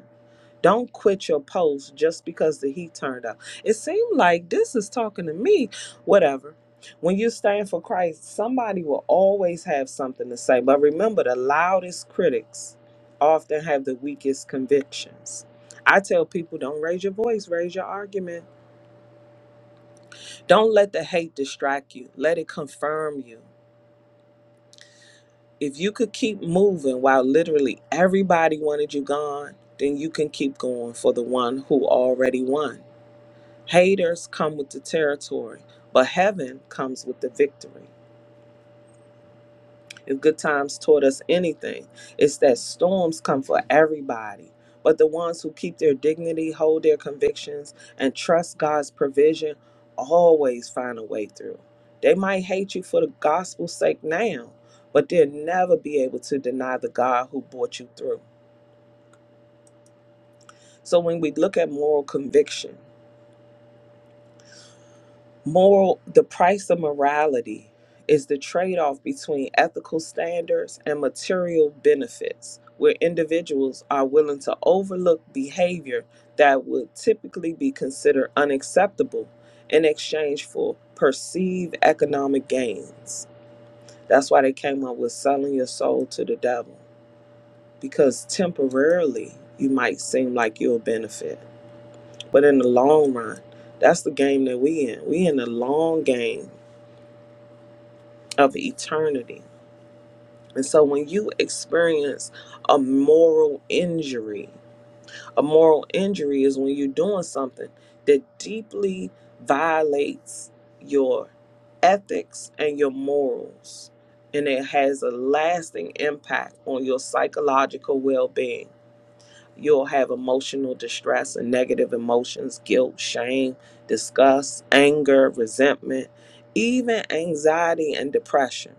[SPEAKER 3] Don't quit your post just because the heat turned up. It seemed like this is talking to me. Whatever. When you stand for Christ, somebody will always have something to say. But remember, the loudest critics often have the weakest convictions. I tell people don't raise your voice, raise your argument don't let the hate distract you. Let it confirm you. If you could keep moving while literally everybody wanted you gone, then you can keep going for the one who already won. Haters come with the territory, but heaven comes with the victory. If good times taught us anything, it's that storms come for everybody. But the ones who keep their dignity, hold their convictions, and trust God's provision always find a way through. They might hate you for the gospel's sake now, but they'll never be able to deny the God who brought you through. So when we look at moral conviction, Moral, the price of morality is the trade off between ethical standards and material benefits, where individuals are willing to overlook behavior that would typically be considered unacceptable in exchange for perceived economic gains. That's why they came up with selling your soul to the devil, because temporarily you might seem like you'll benefit, but in the long run, that's the game that we in. We in the long game of eternity. And so when you experience a moral injury, a moral injury is when you're doing something that deeply violates your ethics and your morals. And it has a lasting impact on your psychological well being. You'll have emotional distress and negative emotions, guilt, shame, disgust, anger, resentment, even anxiety and depression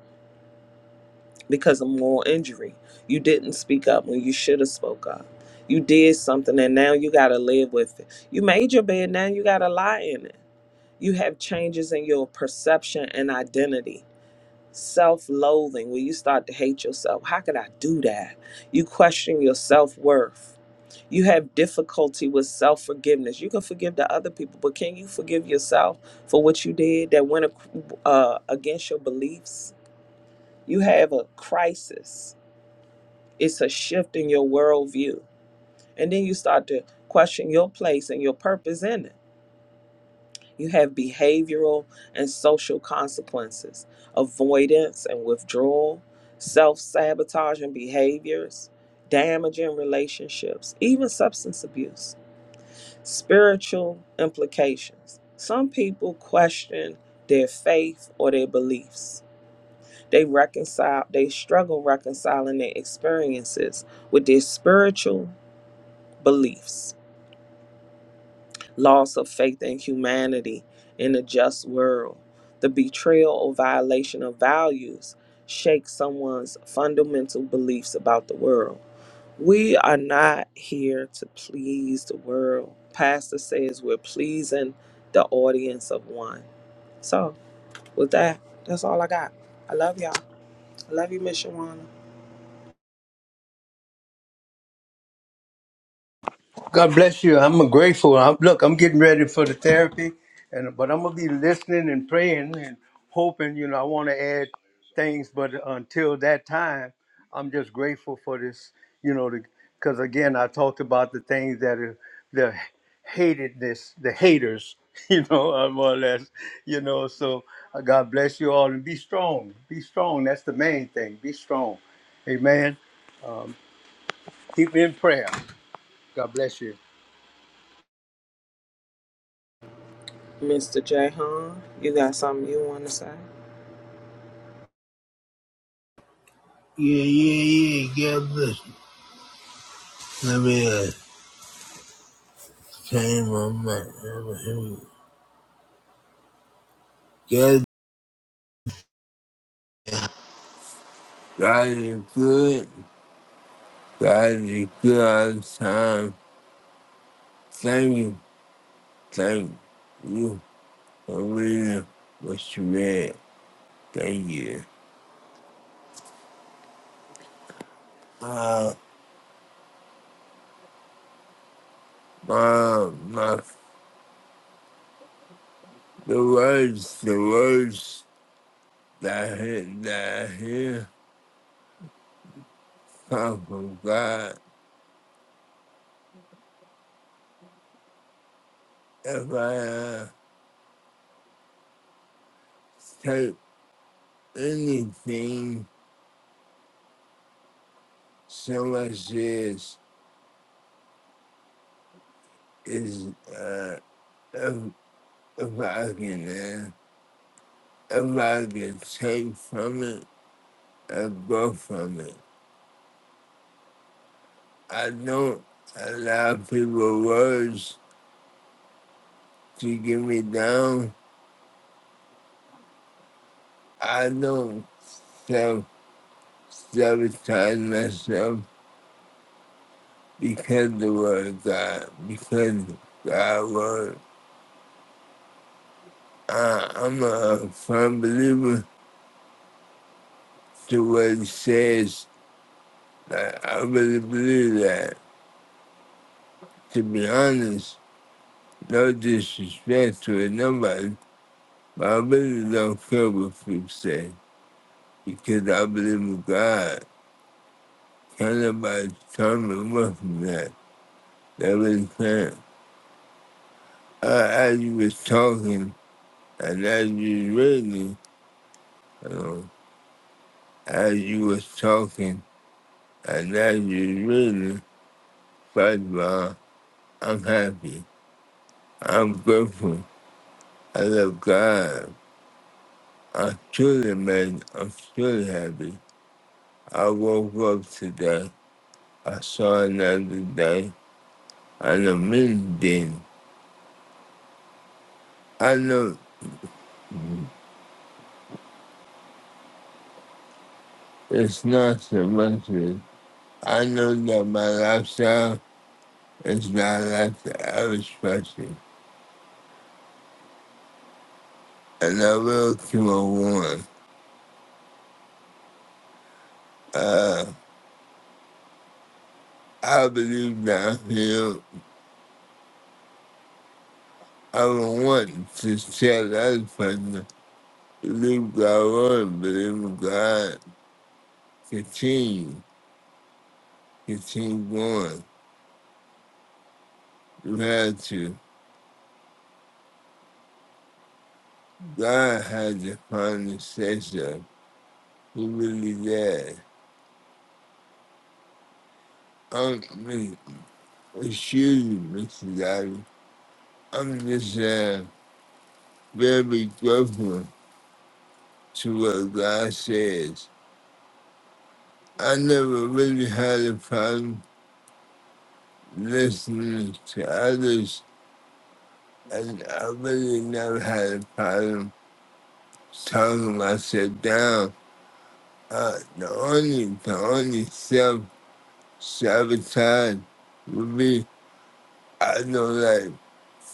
[SPEAKER 3] because of moral injury. You didn't speak up when you should have spoke up. You did something and now you got to live with it. You made your bed, now you got to lie in it. You have changes in your perception and identity. Self loathing, where you start to hate yourself. How could I do that? You question your self worth. You have difficulty with self forgiveness. You can forgive the other people, but can you forgive yourself for what you did that went ac- uh, against your beliefs? You have a crisis it's a shift in your worldview. And then you start to question your place and your purpose in it. You have behavioral and social consequences, avoidance and withdrawal, self sabotaging behaviors, damaging relationships, even substance abuse, spiritual implications. Some people question their faith or their beliefs. They reconcile, they struggle reconciling their experiences with their spiritual beliefs, loss of faith in humanity in a just world. The betrayal or violation of values shakes someone's fundamental beliefs about the world. We are not here to please the world. Pastor says we're pleasing the audience of one. So, with that, that's all I got. I love y'all. I love you, Miss Shawana.
[SPEAKER 1] God bless you. I'm grateful. I'm, look, I'm getting ready for the therapy, and but I'm gonna be listening and praying and hoping. You know, I want to add things, but until that time, I'm just grateful for this. You know, because again, I talked about the things that are the hatedness, the haters. You know, uh, more or less. You know, so uh, God bless you all and be strong. Be strong. That's the main thing. Be strong. Amen. Keep me in prayer. God bless you.
[SPEAKER 3] Mr. J. you got something you want to say?
[SPEAKER 2] yeah, God bless you. Let me uh, change my mind. God, God is good. God is good all the time. Thank you. Thank you for reading what you read. Thank you. My, my, the words, the words that I hear, that I hear come from God. If I uh, take anything someone says is uh if, if I can uh, if I can take from it I go from it. I don't allow people words to get me down. I don't self sabotage myself because the word of God, because God word. I, I'm a firm believer to what it says I, I really believe that. To be honest, no disrespect to nobody, but I really don't care what people say because I believe in God. Can't nobody tell me what from that. They really can't. Uh, as you was talking and as you was reading, um, as you was talking and as you was reading, first of all, I'm happy. I'm grateful. I love God. I'm truly amazed. I'm truly happy. I woke up today. I saw another day. I know many things. I know it's not so much. as- I know that my lifestyle is not like the average person. And I will keep on going. Uh, I believe that I'm healed. I don't want to tell the other person, believe God, Lord, believe in God. Continue, continue going. You had to. God had the conversation. He really did. Um, me- excuse me, Mr. Daddy. I'm just uh, very grateful to what God says. I never really had a problem listening to others, and I really never had a problem talking myself down. Uh, the only, the only self sabotage would be I don't like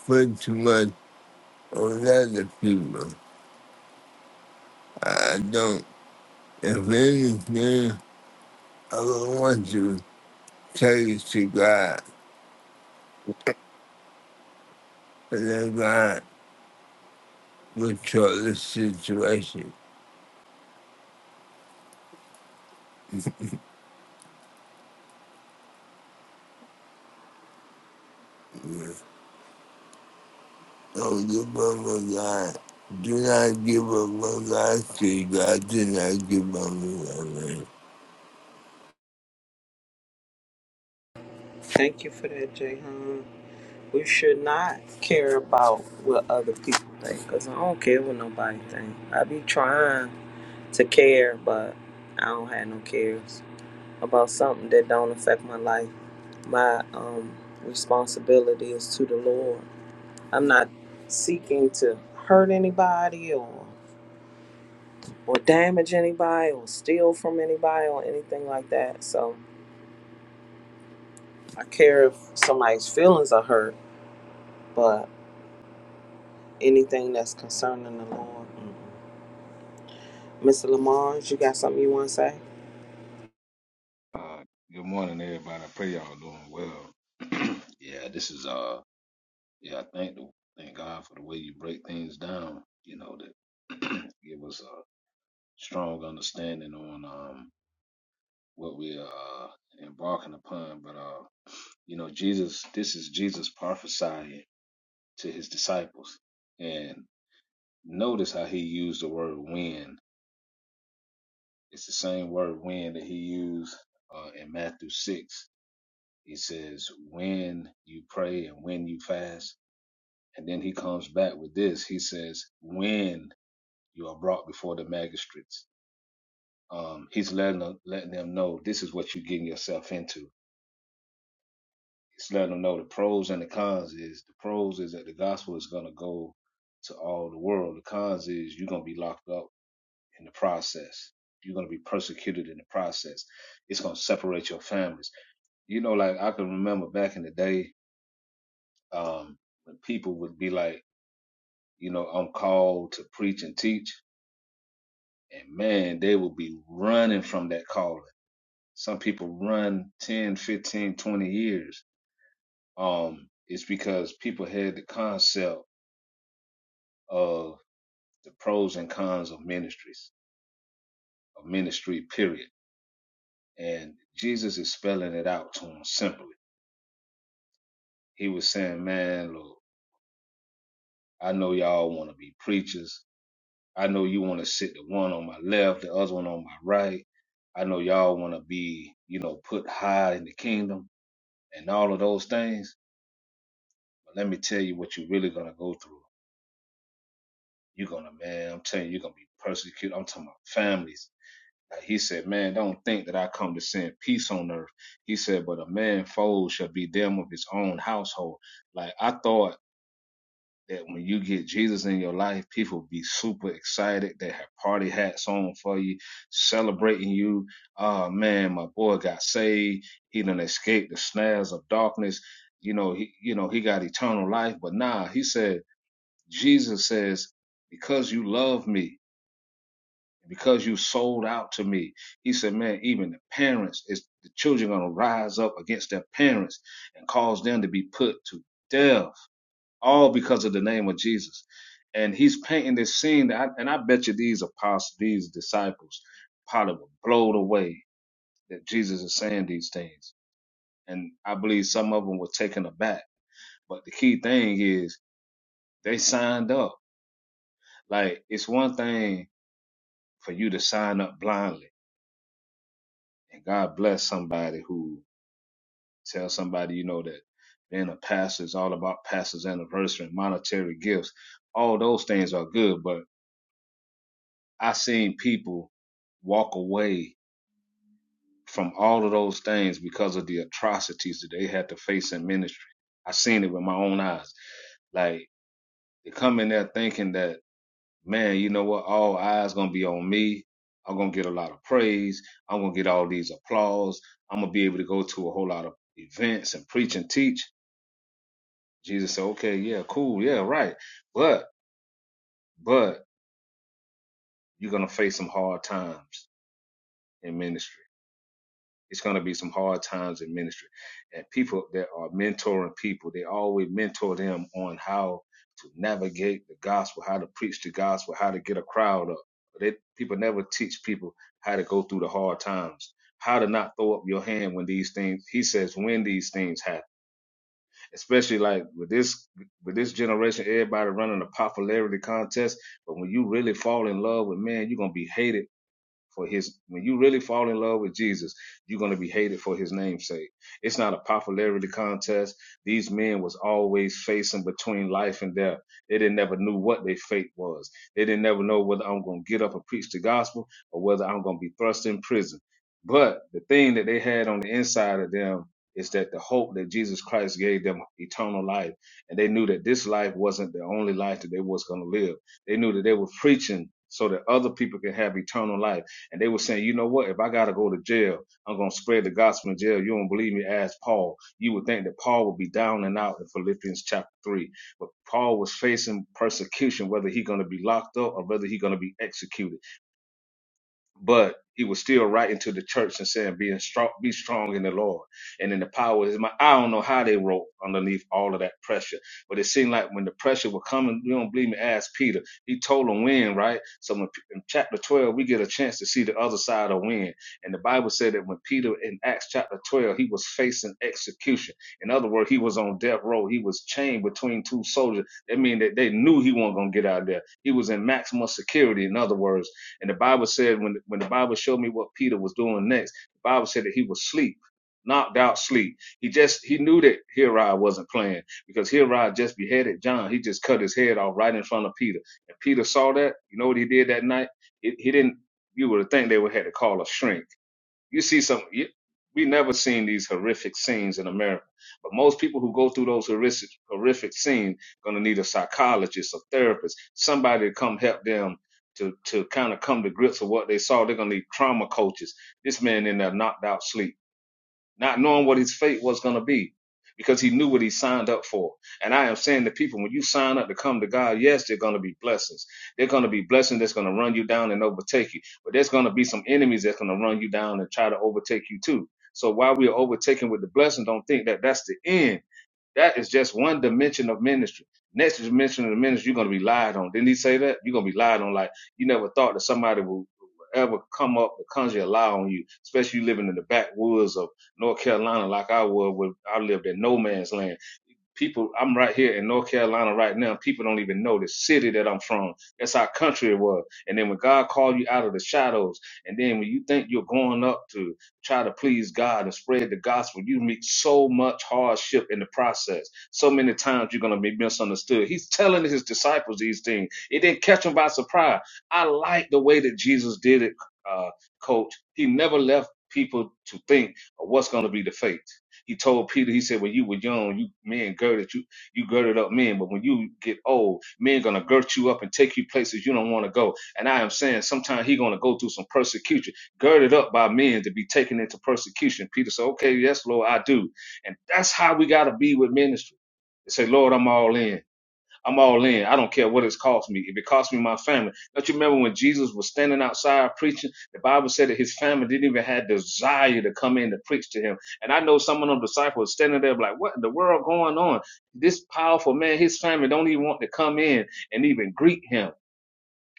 [SPEAKER 2] put too much on other people. I don't. If anything, I would want to take it to God. And then God will control the situation. Don't give up on God. Do not give up on God. See, God do not give up on God. man.
[SPEAKER 3] Thank you for that, J. We should not care about what other people think, cause I don't care what nobody think. I be trying to care, but I don't have no cares about something that don't affect my life. My um, responsibility is to the Lord. I'm not seeking to hurt anybody or or damage anybody or steal from anybody or anything like that. So I care if somebody's feelings are hurt, but anything that's concerning the Lord. mm-mm. Miss Lamonge, you got something you want to say?
[SPEAKER 4] Uh, good morning, everybody. I pray y'all doing well. yeah, this is uh, yeah. I Thank the thank God for the way you break things down. You know that give us a strong understanding on um what we are uh, embarking upon. But uh, you know, Jesus, this is Jesus prophesying to his disciples, and notice how he used the word "when." It's the same word "when" that he used uh, in Matthew six He says, when you pray and when you fast. And then he comes back with this. He says, when you are brought before the magistrates. Um, he's letting them, letting them know this is what you're getting yourself into. He's letting them know the pros and the cons is the pros is that the gospel is going to go to all the world. The cons is you're going to be locked up in the process. You're going to be persecuted in the process. It's going to separate your families. You know, like I can remember back in the day, um, when people would be like, you know, I'm called to preach and teach. And man, they will be running from that calling. Some people run 10, 15, 20 years. Um, it's because people had the concept of the pros and cons of ministries, of ministry, period. And Jesus is spelling it out to them simply. He was saying, man, look, I know y'all want to be preachers. I know you want to sit the one on my left, the other one on my right. I know y'all want to be, you know, put high in the kingdom and all of those things. But let me tell you what you're really going to go through. You're going to, man, I'm telling you, you're going to be persecuted. I'm talking about families. Like he said, man, don't think that I come to send peace on earth. He said, but a man foe shall be them of his own household. Like I thought that when you get Jesus in your life, people be super excited. They have party hats on for you, celebrating you. Oh man, my boy got saved. He done escaped the snares of darkness. You know, he you know, he got eternal life. But nah, he said, Jesus says, because you love me, because you sold out to me, he said, man, even the parents is the children gonna rise up against their parents and cause them to be put to death all because of the name of Jesus. And he's painting this scene that, I, and I bet you these apostles, these disciples, probably were blown away that Jesus is saying these things. And I believe some of them were taken aback. But the key thing is they signed up. Like it's one thing for you to sign up blindly, and God bless somebody who tells somebody you know that being a pastor is all about pastor's anniversary and monetary gifts. All those things are good, but I seen people walk away from all of those things because of the atrocities that they had to face in ministry. I seen it with my own eyes. Like they come in there thinking that, man, you know what? All eyes gonna be on me. I'm gonna get a lot of praise. I'm gonna get all these applause. I'm gonna be able to go to a whole lot of events and preach and teach. Jesus said, okay, yeah, cool, yeah, right. But but you're gonna face some hard times in ministry It's going to be some hard times in ministry. And people that are mentoring people, they always mentor them on how to navigate the gospel, how to preach the gospel, how to get a crowd up. They, people never teach people how to go through the hard times, how to not throw up your hand when these things, he says, when these things happen. Especially like with this, with this generation, everybody running a popularity contest. But when you really fall in love with man, you're going to be hated for his when you really fall in love with Jesus, you're gonna be hated for his name's sake. It's not a popularity contest. These men was always facing between life and death. They didn't never knew what their fate was. They didn't never know whether I'm gonna get up and preach the gospel or whether I'm gonna be thrust in prison. But the thing that they had on the inside of them is that the hope that Jesus Christ gave them eternal life. And they knew that this life wasn't the only life that they was gonna live. They knew that they were preaching so that other people can have eternal life and they were saying, you know what? If I got to go to jail, I'm going to spread the gospel in jail. You don't believe me? Ask Paul. You would think that Paul would be down and out in Philippians chapter 3. But Paul was facing persecution, whether he going to be locked up or whether he going to be executed but he was still writing to the church and saying, "Be strong, be strong in the Lord and in the power of His might." I don't know how they wrote underneath all of that pressure, but it seemed like when the pressure was coming, you don't believe me? Ask Peter. He told them when, right? So when, in chapter twelve, we get a chance to see the other side of when, and the Bible said that when Peter in Acts chapter twelve, he was facing execution. In other words, he was on death row. He was chained between two soldiers. That means that they knew he wasn't gonna get out of there. He was in maximum security. In other words. And the Bible said when when the Bible showed me what Peter was doing next, the Bible said that he was asleep, knocked out sleep. He just he knew that Herod wasn't playing because Herod just beheaded John. He just cut his head off right in front of Peter. And Peter saw that. You know what he did that night? He, he didn't. You would have think they would have had to call a shrink you see some. You, we never seen these horrific scenes in America, but most people who go through those horrific horrific scenes gonna need a psychologist, a therapist, somebody to come help them to to kind of come to grips with what they saw. They're gonna need trauma coaches. This man in there knocked out sleep not knowing what his fate was going to be because he knew what he signed up for. And I am saying to people, when you sign up to come to God, yes, they're going to be blessings. They're going to be blessings that's going to run you down and overtake you. But there's going to be some enemies that's going to run you down and try to overtake you too. So while we are overtaken with the blessing, don't think that that's the end that is just one dimension of ministry. Next dimension of the ministry, you're going to be lied on. Didn't he say that? You're going to be lied on. Like you never thought that somebody would ever come up to conjure a lie on you, especially you living in the backwoods of North Carolina, like I was. When I lived in no man's land people i'm right here in north carolina right now people don't even know the city that i'm from that's how country it was and then when god called you out of the shadows and then when you think you're going up to try to please god and spread the gospel you meet so much hardship in the process so many times you're going to be misunderstood he's telling his disciples these things it didn't catch them by surprise i like the way that jesus did it uh, coach he never left people to think of what's going to be the fate he told Peter, he said, when you were young, you men girded you, you girded up men, but when you get old, men gonna girt you up and take you places you don't want to go. And I am saying, sometimes he gonna go through some persecution, girded up by men to be taken into persecution. Peter said, okay, yes, Lord, I do. And that's how we gotta be with ministry. They Say, Lord, I'm all in. I'm all in. I don't care what it's cost me. If it costs me my family. Don't you remember when Jesus was standing outside preaching? The Bible said that his family didn't even have desire to come in to preach to him. And I know some of them disciples standing there like, what in the world going on? This powerful man, his family don't even want to come in and even greet him.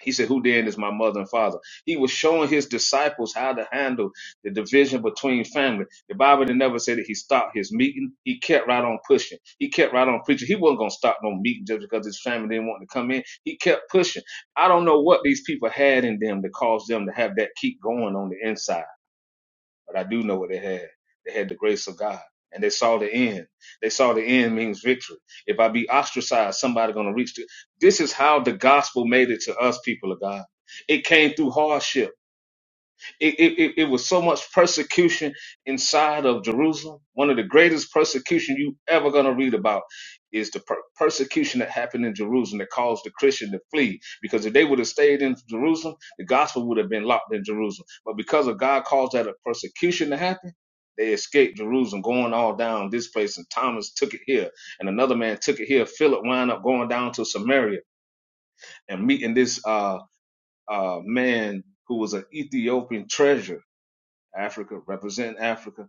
[SPEAKER 4] He said, Who then is my mother and father? He was showing his disciples how to handle the division between family. The Bible didn't never say that he stopped his meeting. He kept right on pushing. He kept right on preaching. He wasn't going to stop no meeting just because his family didn't want to come in. He kept pushing. I don't know what these people had in them that caused them to have that keep going on the inside but I do know what they had. They had the grace of God, and they saw the end. They saw the end means victory. If I be ostracized, somebody going to reach. To, this is how the gospel made it to us, people of God. It came through hardship. It, it, it it was so much persecution inside of Jerusalem. One of the greatest persecution you ever going to read about is the per- persecution that happened in Jerusalem that caused the Christian to flee. Because if they would have stayed in Jerusalem, the gospel would have been locked in Jerusalem. But because of God caused that a persecution to happen, they escaped Jerusalem, going all down this place. And Thomas took it here, and another man took it here. Philip wound up going down to Samaria and meeting this uh, uh, man who was an Ethiopian treasurer Africa, represent Africa,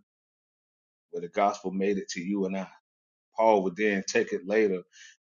[SPEAKER 4] where the gospel made it to you and I. Paul would then take it later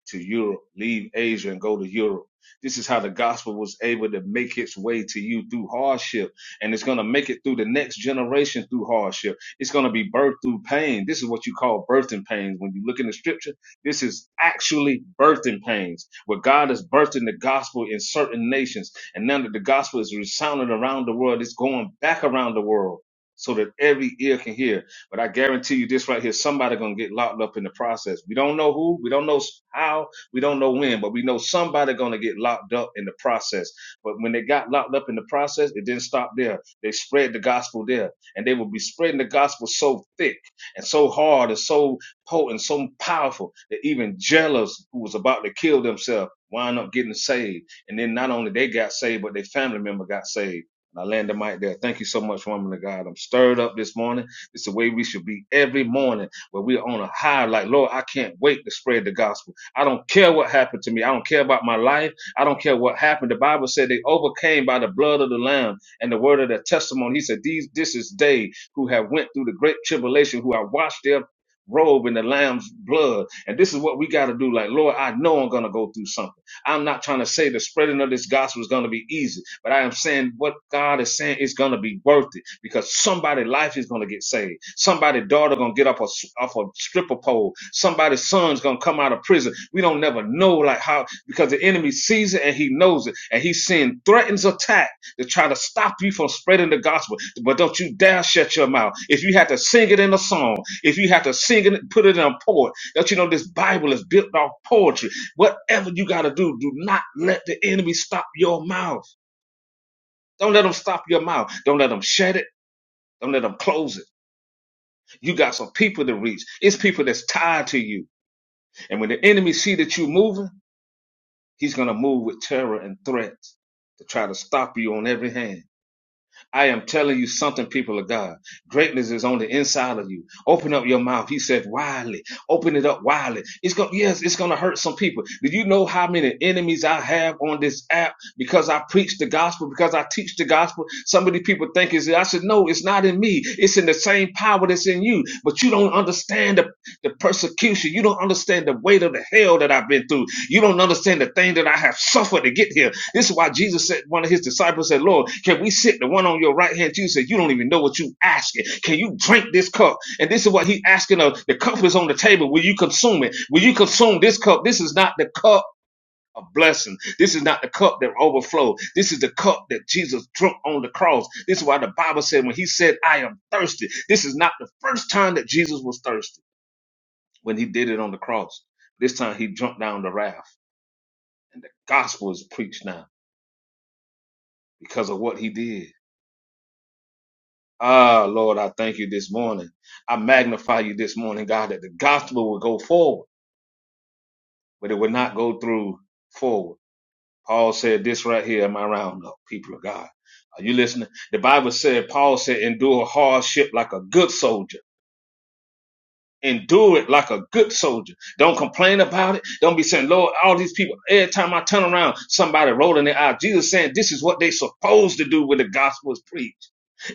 [SPEAKER 4] to Europe, leave Asia and go to Europe. This is how the gospel was able to make its way to you through hardship. And it's going to make it through the next generation through hardship. It's going to be birthed through pain. This is what you call birthing pains. When you look in the scripture, this is actually birthing pains where God is birthing the gospel in certain nations. And now that the gospel is resounding around the world, it's going back around the world so that every ear can hear but I guarantee you this right here, somebody gonna get locked up in the process. We don't know who, we don't know how, we don't know when, but we know somebody gonna get locked up in the process. But when they got locked up in the process, it didn't stop there. They spread the gospel there. And they will be spreading the gospel so thick and so hard and so potent, so powerful that even jealous who was about to kill themselves wind up getting saved. And then not only they got saved, but their family member got saved. And I land the mic there. Thank you so much, woman of God. I'm stirred up this morning. It's the way we should be every morning where we're on a high, like, Lord, I can't wait to spread the gospel. I don't care what happened to me. I don't care about my life. I don't care what happened. The Bible said they overcame by the blood of the Lamb and the word of their testimony. He said, These this is they who have went through the great tribulation, who have washed their robe in the lamb's blood. And this is what we got to do. Like, Lord, I know I'm gonna go through something. I'm not trying to say the spreading of this gospel is going to be easy, but I am saying what God is saying is going to be worth it because somebody's life is going to get saved. Somebody's daughter going to get up a, off a stripper pole. Somebody's son's going to come out of prison. We don't never know like how because the enemy sees it and he knows it and he's seeing threatens attack to try to stop you from spreading the gospel. But don't you dare shut your mouth. If you had to sing it in a song, if you had to sing it, put it in a poem, don't you know this Bible is built off poetry? Whatever you got to do, do not let the enemy stop your mouth. Don't let them stop your mouth. Don't let them shut it. Don't let them close it. You got some people to reach. It's people that's tied to you. And when the enemy see that you moving, he's going to move with terror and threats to try to stop you on every hand. I am telling you something, people of God. Greatness is on the inside of you. Open up your mouth. He said, widely. Open it up widely. It's going, yes, it's going to hurt some people. Do you know how many enemies I have on this app because I preach the gospel, because I teach the gospel? Some of these people think it's, I said, no, it's not in me. It's in the same power that's in you, but you don't understand the the persecution. You don't understand the weight of the hell that I've been through. You don't understand the thing that I have suffered to get here. This is why Jesus said, one of his disciples said, Lord, can we sit the one on your right hand? Jesus said, you don't even know what you asking. Can you drink this cup? And this is what he asking of. The cup is on the table. Will you consume it? Will you consume this cup? This is not the cup a blessing. This is not the cup that overflow. This is the cup that Jesus drunk on the cross. This is why the Bible said when he said, I am thirsty. This is not the first time that Jesus was thirsty when he did it on the cross. This time he jumped down the raft, and the gospel is preached now because of what he did. Ah, Lord, I thank you this morning. I magnify you this morning, God, that the gospel will go forward, but it will not go through forward. Paul said this right here in my roundup, people of God. Are you listening? The Bible said, Paul said, endure hardship like a good soldier. Endure it like a good soldier. Don't complain about it. Don't be saying, Lord, all these people, every time I turn around, somebody rolling their eyes. Jesus saying, this is what they supposed to do when the gospel is preached.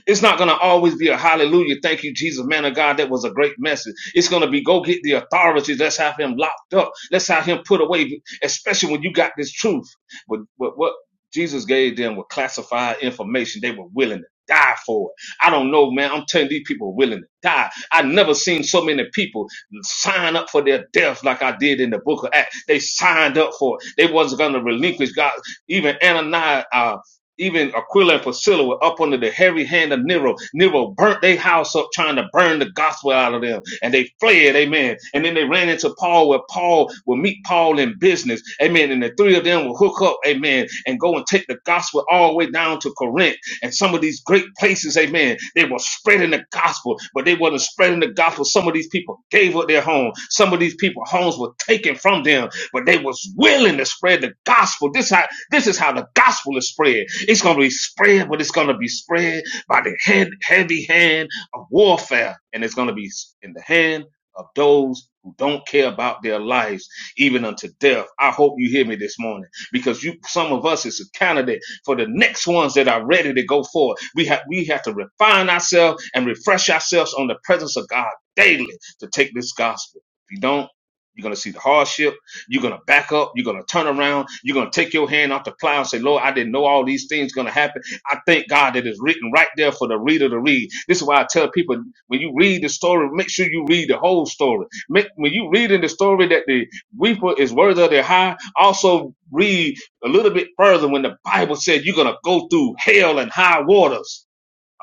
[SPEAKER 4] It's not going to always be a hallelujah, thank you, Jesus, man of God. That was a great message. It's going to be go get the authorities. Let's have him locked up. Let's have him put away, especially when you got this truth. But, but what Jesus gave them was classified information. They were willing to die for it. I don't know, man. I'm telling you, these people are willing to die. I never seen so many people sign up for their death like I did in the book of Acts. They signed up for it. They wasn't going to relinquish God. Even Ananias, uh, even Aquila and Priscilla were up under the heavy hand of Nero. Nero burnt their house up trying to burn the gospel out of them. And they fled, amen. And then they ran into Paul where Paul will meet Paul in business. Amen. And the three of them will hook up, amen, and go and take the gospel all the way down to Corinth and some of these great places, amen. They were spreading the gospel, but they wasn't spreading the gospel. Some of these people gave up their home. Some of these people homes were taken from them but they was willing to spread the gospel. This how this is how the gospel is spread. It's gonna be spread, but it's gonna be spread by the head, heavy hand of warfare, and it's gonna be in the hand of those who don't care about their lives even unto death. I hope you hear me this morning because you some of us is a candidate for the next ones that are ready to go forward. We have we have to refine ourselves and refresh ourselves on the presence of God daily to take this gospel. If you don't, you're gonna see the hardship you're going to back up. You're going to turn around. You're going to take your hand off the plow and say, Lord, I didn't know all these things going to happen. I thank God that it's written right there for the reader to read. This is why I tell people when you read the story, make sure you read the whole story. Make, when you read in the story that the weeper is worthy of their high, also read a little bit further when the Bible says you're going to go through hell and high waters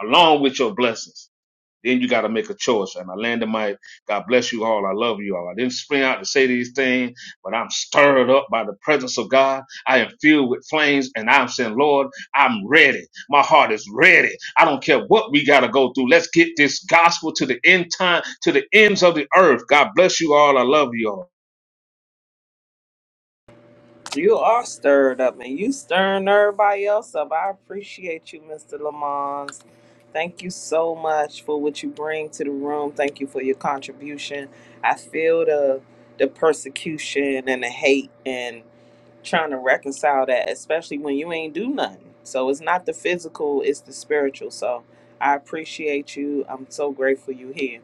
[SPEAKER 4] along with your blessings. Then you got to make a choice. And I landed my, God bless you all. I love you all. I didn't spring out to say these things, but I'm stirred up by the presence of God. I am filled with flames and I'm saying, Lord, I'm ready. My heart is ready. I don't care what we got to go through. Let's get this gospel to the end time, to the ends of the earth. God bless you all. I love you all.
[SPEAKER 3] You are stirred up, and you stirring everybody else up. I appreciate you, Mr. Lamont. Thank you so much for what you bring to the room. Thank you for your contribution. I feel the the persecution and the hate and trying to reconcile that, especially when you ain't do nothing. So it's not the physical, it's the spiritual. So I appreciate you. I'm so grateful you here.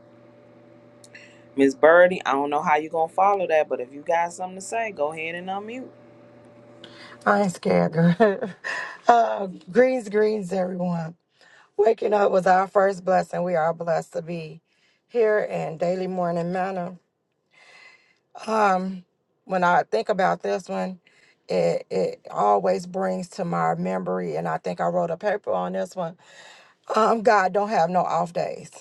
[SPEAKER 3] Miss Birdie, I don't know how you're gonna follow that, but if you got something to say, go ahead and unmute.
[SPEAKER 5] I ain't scared, girl. uh, greens, greens, everyone. Waking up was our first blessing. We are blessed to be here in Daily Morning Manna. When I think about this one, it, it always brings to my memory, and I think I wrote a paper on this one. Um, God don't have no off days.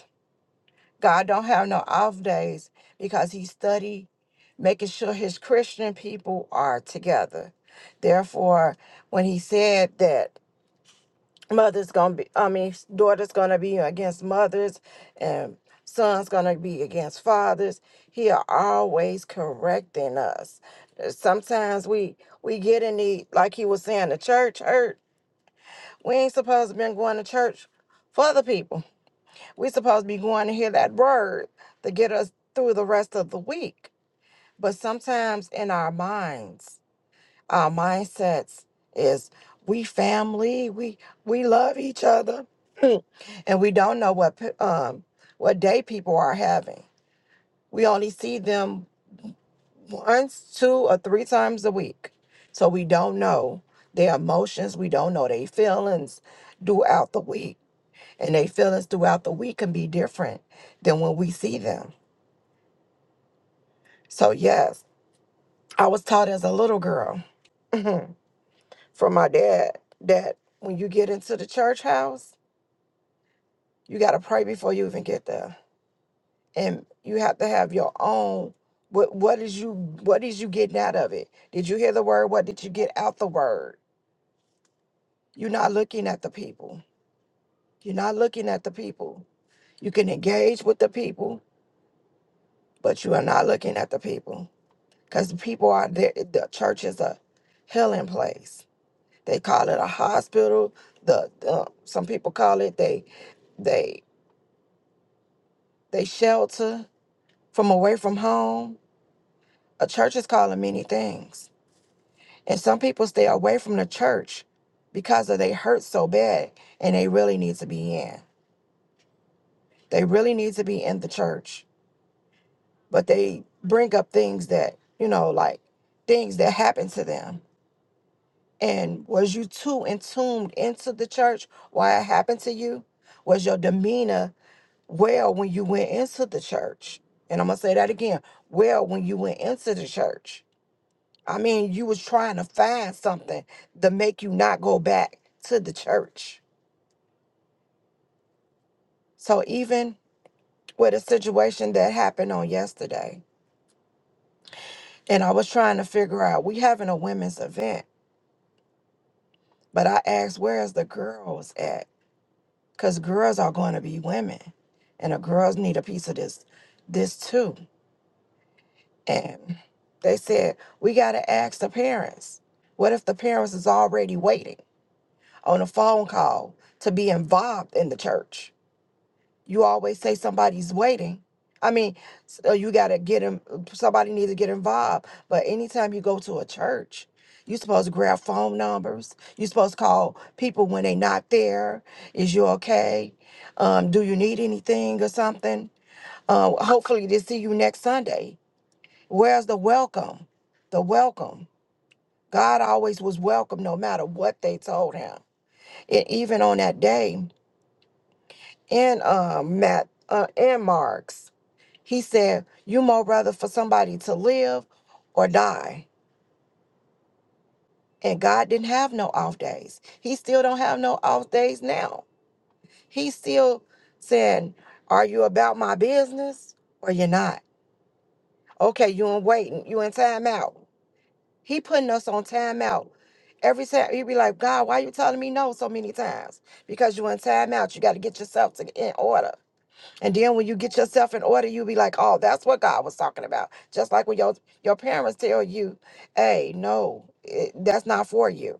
[SPEAKER 5] God don't have no off days because He study making sure His Christian people are together. Therefore, when He said that. mother's gonna be i mean daughter's gonna be against mothers and son's gonna be against fathers he are always correcting us Uh, sometimes we we get in the like he was saying the church hurt we ain't supposed to been going to church for the people we supposed to be going to hear that word to get us through the rest of the week but sometimes in our minds our mindsets is we family we we love each other and we don't know what pe- um what day people are having we only see them once two or three times a week so we don't know their emotions we don't know their feelings throughout the week and their feelings throughout the week can be different than when we see them so yes i was taught as a little girl from my dad that when you get into the church house You got to pray before you even get there. And you have to have your own what what is you what is you getting out of it? Did you hear the word? What did you get out the word? You're not looking at the people. You're not looking at the people. You can engage with the people, but you are not looking at the people cuz the people are there the church is a healing place. They call it a hospital. The, the some people call it they they they shelter from away from home. A church is calling many things And some people stay away from the church because of they hurt so bad and they really need to be in. They really need to be in the church. But they bring up things that, you know, like things that happened to them. And was you too entombed into the church why it happened to you? Was your demeanor well when you went into the church? And I'm gonna say that again. Well, when you went into the church. I mean, you was trying to find something to make you not go back to the church So even with a situation that happened on yesterday, and I was trying to figure out, we having a women's event, but I asked, where is the girls at? Because girls are going to be women, and the girls need a piece of this, this too. And they said, we got to ask the parents. What if the parents is already waiting on a phone call to be involved in the church? You always say somebody's waiting. I mean, so you got to get him. somebody needs to get involved. But anytime you go to a church, you're supposed to grab phone numbers. You're supposed to call people when they are not there. Is you okay? Um, do you need anything or something? Uh, hopefully, they see you next Sunday. Where's the welcome? The welcome. God always was welcome no matter what they told him. And even on that day in um, Matt, uh, in Mark's. He said, You more rather for somebody to live or die. And God didn't have no off days. He still don't have no off days now. He's still saying, Are you about my business or you're not? Okay, you in waiting, you in time out. He putting us on time out. Every time he be like, God, why you telling me no so many times? Because you in time out. You got to get yourself to, in order. And then when you get yourself in order, you'll be like, oh, that's what God was talking about. Just like when your, your parents tell you, hey, no, it, that's not for you.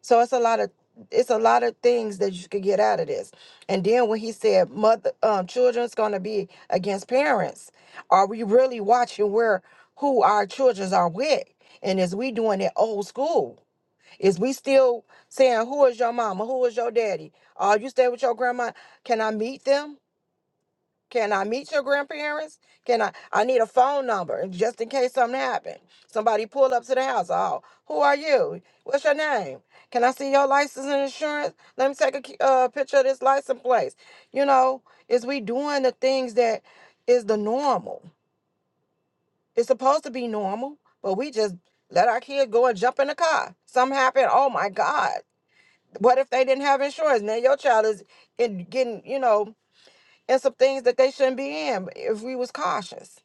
[SPEAKER 5] So it's a lot of it's a lot of things that you could get out of this. And then when he said mother um children's gonna be against parents, are we really watching where who our children are with? And is we doing it old school? Is we still saying who is your mama? Who is your daddy? Uh you stay with your grandma? Can I meet them? Can I meet your grandparents? Can I? I need a phone number just in case something happened. Somebody pulled up to the house. Oh, who are you? What's your name? Can I see your license and insurance? Let me take a ki- uh, picture of this license plate. You know, is we doing the things that is the normal? It's supposed to be normal, but we just let our kid go and jump in the car. Something happened. Oh my God! What if they didn't have insurance? Now your child is in getting. You know and some things that they shouldn't be in if we was cautious.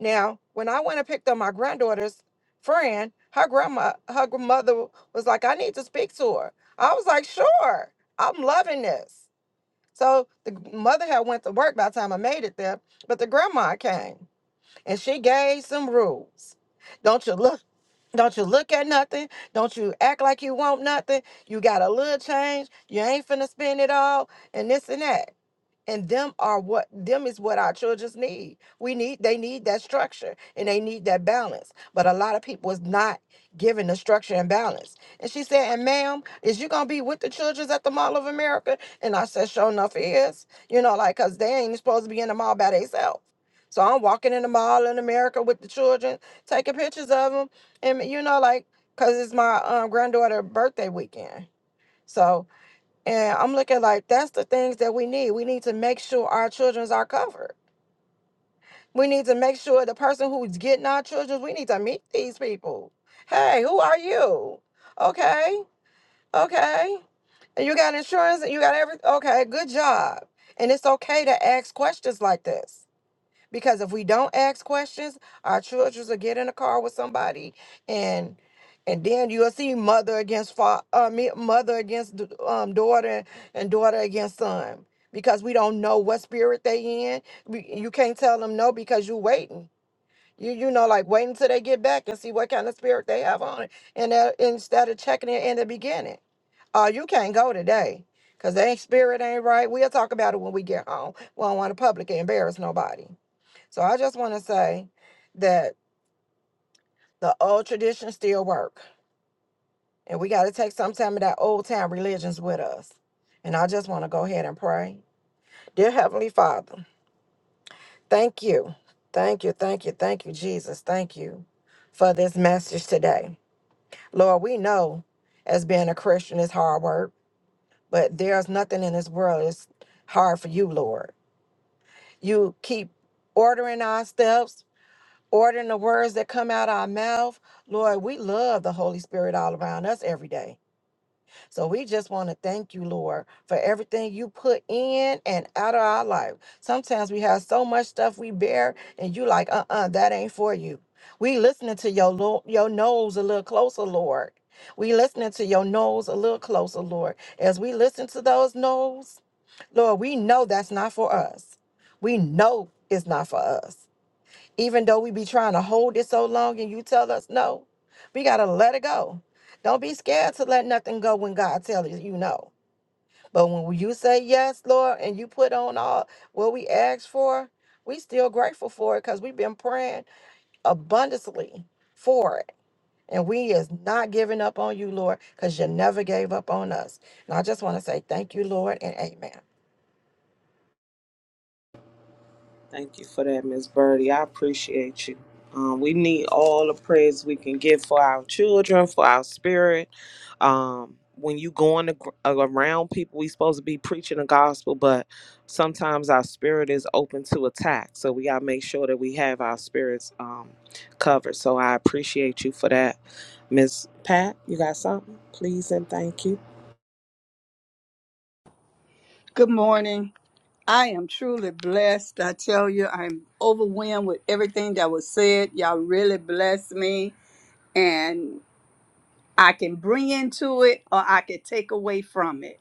[SPEAKER 5] Now, when I went and picked up my granddaughter's friend, her grandma, her grandmother was like, "I need to speak to her." I was like, "Sure, I'm loving this." So the g- mother had went to work by the time I made it there, but the grandma came and she gave some rules. Don't you look? Don't you look at nothing? Don't you act like you want nothing? You got a little change. You ain't finna spend it all, and this and that and them are what them is what our childrens need we need they need that structure and they need that balance but a lot of people is not given the structure and balance and she said and ma'am is you gonna be with the childrens at the mall of america and i said sure enough it is you know like because they ain't supposed to be in the mall by themselves so i'm walking in the mall in america with the children taking pictures of them and you know like because it's my um, granddaughter birthday weekend so and I'm looking like that's the things that we need. We need to make sure our childrens are covered. We need to make sure the person who's getting our children, we need to meet these people. Hey, who are you? Okay, okay. And you got insurance and you got everything. Okay, good job. And it's okay to ask questions like this because if we don't ask questions, our children will get in a car with somebody, and and then you'll see mother against fa- uh, me- mother against d- um, daughter and daughter against son because we don't know what spirit they in. We, you can't tell them no because you're waiting. You you know like waiting till they get back and see what kind of spirit they have on it, and that, instead of checking it in the beginning, oh you can't go today because their spirit ain't right. We'll talk about it when we get home. We don't want to publicly embarrass nobody. So I just want to say that the old traditions still work, and we got to take some time of that old time religions with us. And I just want to go ahead and pray. Dear Heavenly Father, thank you. Thank you, thank you, thank you, Jesus. Thank you for this message today. Lord, we know as being a Christian is hard work, but there's nothing in this world that's hard for you, Lord. You keep ordering our steps, ordering the words that come out our mouth. Lord, we love the Holy Spirit all around us every day. So we just want to thank you, Lord, for everything you put in and out of our life. Sometimes we have so much stuff we bear, and you like, uh-uh, that ain't for you. We listening to your lo- your nose a little closer, Lord. We listening to your nose a little closer, Lord. As we listen to those nose, Lord, we know that's not for us. We know it's not for us even though we be trying to hold it so long and you tell us no we gotta let it go don't be scared to let nothing go when god tells you you no but when you say yes lord and you put on all what we asked for we still grateful for it because we've been praying abundantly for it and we is not giving up on you lord because you never gave up on us and i just want to say thank you lord and amen
[SPEAKER 3] Thank you for that, Miss Birdie. I appreciate you. Um, we need all the prayers we can get for our children, for our spirit. Um, when you going to, gr- around people, we supposed to be preaching the gospel, but sometimes our spirit is open to attack. So we gotta make sure that we have our spirits um, covered. So I appreciate you for that, Miss Pat. You got something? Please and thank you.
[SPEAKER 6] Good morning. I am truly blessed. I tell you, I'm overwhelmed with everything that was said. Y'all really blessed me, and I can bring into it or I can take away from it.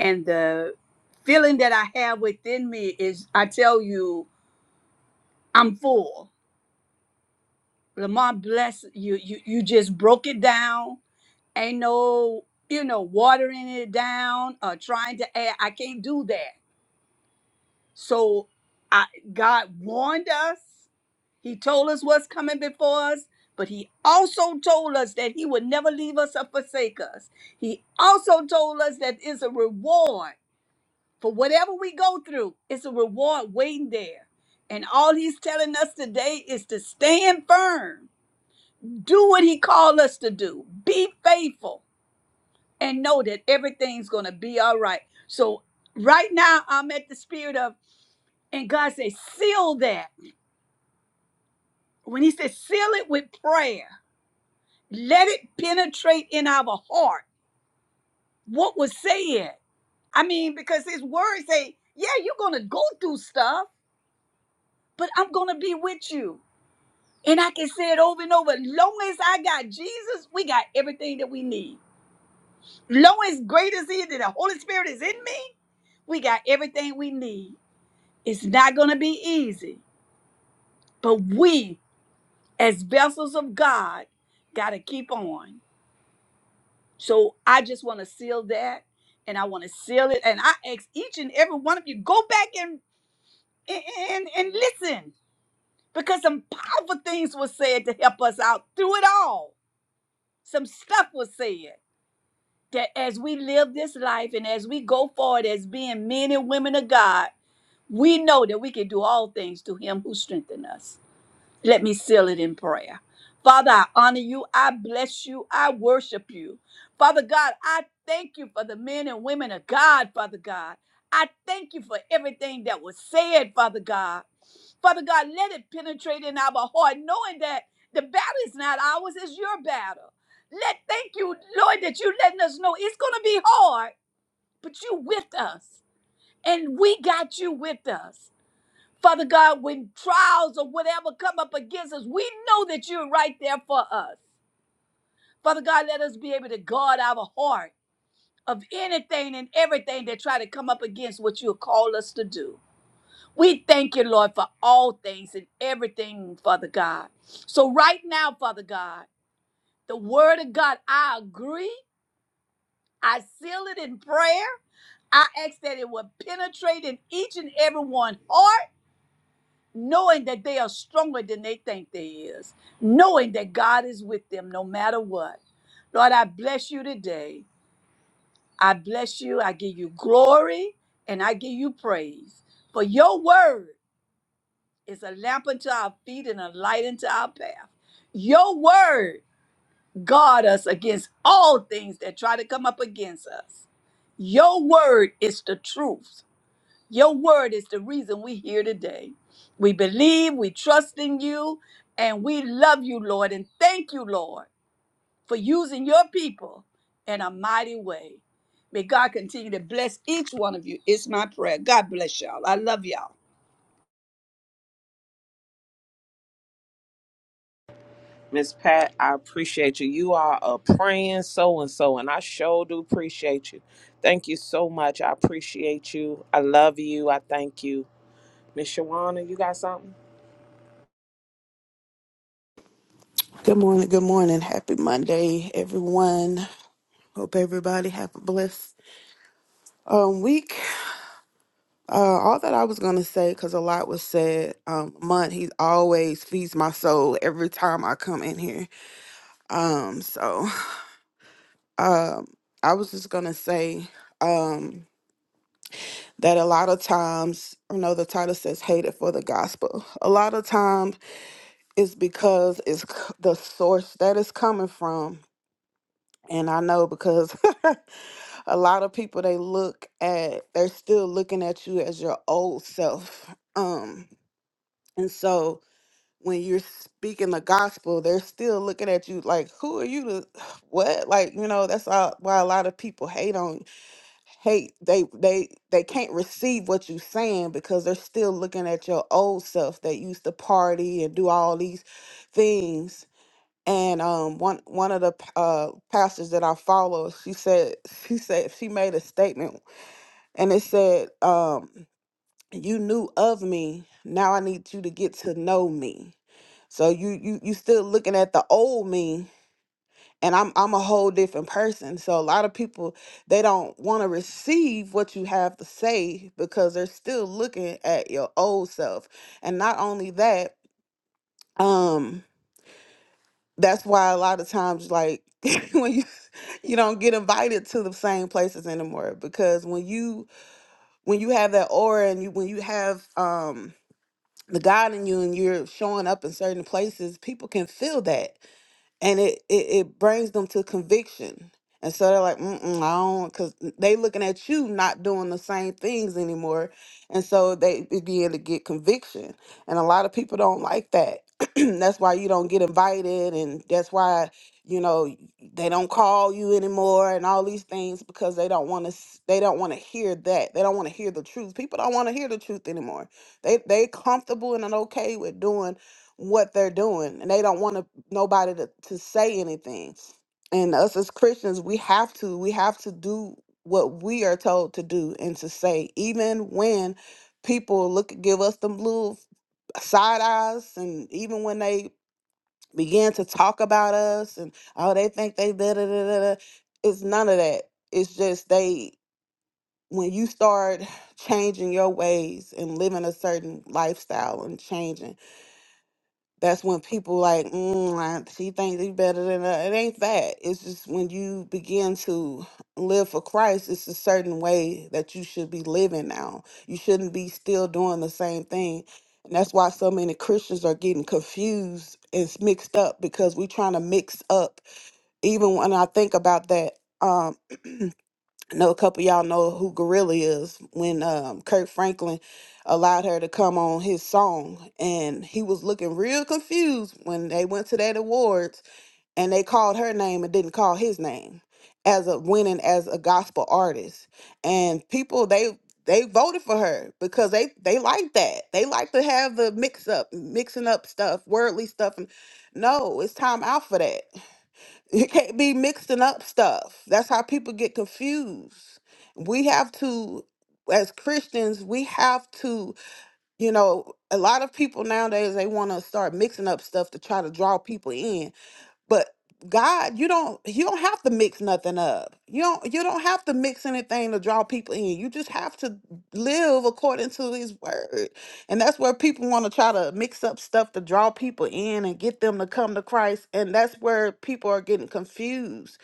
[SPEAKER 6] And the feeling that I have within me is, I tell you, I'm full. Lamar, bless you. You you just broke it down. Ain't no you know watering it down or trying to add. I can't do that. So I God warned us. He told us what's coming before us, but he also told us that he would never leave us or forsake us. He also told us that it's a reward for whatever we go through, it's a reward waiting there. And all he's telling us today is to stand firm, do what he called us to do, be faithful, and know that everything's going to be all right. So, right now, I'm at the spirit of, and God says, seal that. When he says, seal it with prayer Let it penetrate in our heart what was said. I mean, because his words say, yeah, you're going to go through stuff, but I'm going to be with you. And I can say it over and over. Long as I got Jesus, we got everything that we need. Long as great as he that the Holy Spirit is in me, we got everything we need. It's not going to be easy, but we, as vessels of God, got to keep on. So I just want to seal that, and I want to seal it. And I ask each and every one of you go back and and and listen because some powerful things were said to help us out through it all. Some stuff was said that as we live this life and as we go forward as being men and women of God, we know that we can do all things through Him who strengthens us. Let me seal it in prayer. Father, I honor you. I bless you. I worship you. Father God, I thank you for the men and women of God, Father God. I thank you for everything that was said, Father God. Father God, let it penetrate in our heart, knowing that the battle is not ours, it's your battle. Let thank you, Lord, that you letting us know it's gonna be hard, but you with us. And we got you with us. Father God, when trials or whatever come up against us, we know that you're right there for us. Father God, let us be able to guard our heart of anything and everything that try to come up against what you call us to do. We thank you, Lord, for all things and everything, Father God. So right now, Father God, the word of God, I agree. I seal it in prayer. I ask that it will penetrate in each and every one heart knowing that they are stronger than they think they is, knowing that God is with them no matter what. Lord, I bless you today. I bless you. I give you glory and I give you praise. For your word is a lamp unto our feet and a light unto our path. Your word guard us against all things that try to come up against us. Your word is the truth. Your word is the reason we're here today. We believe, we trust in you, and we love you, Lord. And thank you, Lord, for using your people in a mighty way. May God continue to bless each one of you. It's my prayer. God bless y'all. I love y'all.
[SPEAKER 3] Miss Pat, I appreciate you. You are a praying so and so, and I sure do appreciate you. Thank you so much. I appreciate you. I love you. I thank you. Miss Shawana, you got something?
[SPEAKER 7] Good morning. Good morning. Happy Monday, everyone. Hope everybody have a blessed um, week. Uh, all that I was gonna say, because a lot was said. Um, month he always feeds my soul every time I come in here. Um, so um, I was just gonna say um that a lot of times, you know, the title says "hated for the gospel." A lot of times it's because it's c- the source that it's coming from, and I know because. a lot of people they look at they're still looking at you as your old self um and so when you're speaking the gospel they're still looking at you like who are you to what like you know that's all, why a lot of people hate on hate they they they can't receive what you're saying because they're still looking at your old self that used to party and do all these things and um one one of the p- uh pastors that I follow she said she said she made a statement and it said, um, "You knew of me. Now I need you to get to know me." So you you you still looking at the old me, and I'm I'm a whole different person. So a lot of people they don't want to receive what you have to say because they're still looking at your old self. And not only that, um, that's why a lot of times like when you you don't get invited to the same places anymore because when you when you have that aura and you when you have um the God in you and you're showing up in certain places, people can feel that and it, it it brings them to conviction and so they're like Mm-mm, i don't because they looking at you not doing the same things anymore and so they begin to get conviction and a lot of people don't like that that's why you don't get invited and that's why you know they don't call you anymore and all these things because they don't want to they don't want to hear that they don't want to hear the truth people don't want to hear the truth anymore they they comfortable and okay with doing what they're doing and they don't want to nobody to, to say anything. And us as Christians, we have to we have to do what we are told to do and to say, even when people look give us them little side eyes, and even when they begin to talk about us and oh they think they da da da da. da. It's none of that. It's just they when you start changing your ways and living a certain lifestyle and changing that's when people like, mm, like, she thinks he's better than her. It ain't that. It's just when you begin to live for Christ, it's a certain way that you should be living now. You shouldn't be still doing the same thing. And that's why so many Christians are getting confused and s- mixed up because we trying to mix up. Even when I think about that, um, I know a couple of y'all know who Gorilla is when um, Kirk Franklin allowed her to come on his song, and he was looking real confused when they went to that awards and they called her name and didn't call his name as a winning as a gospel artist. And people they they voted for her because they they like that. They like to have the mix up, mixing up stuff, worldly stuff. And no, it's time out for that. It can't be mixing up stuff. That's how people get confused. We have to, as Christians, we have to, you know, a lot of people nowadays, they want to start mixing up stuff to try to draw people in. But God, you don't you don't have to mix nothing up. You don't you don't have to mix anything to draw people in. You just have to live according to his word. And that's where people want to try to mix up stuff to draw people in and get them to come to Christ. And that's where people are getting confused.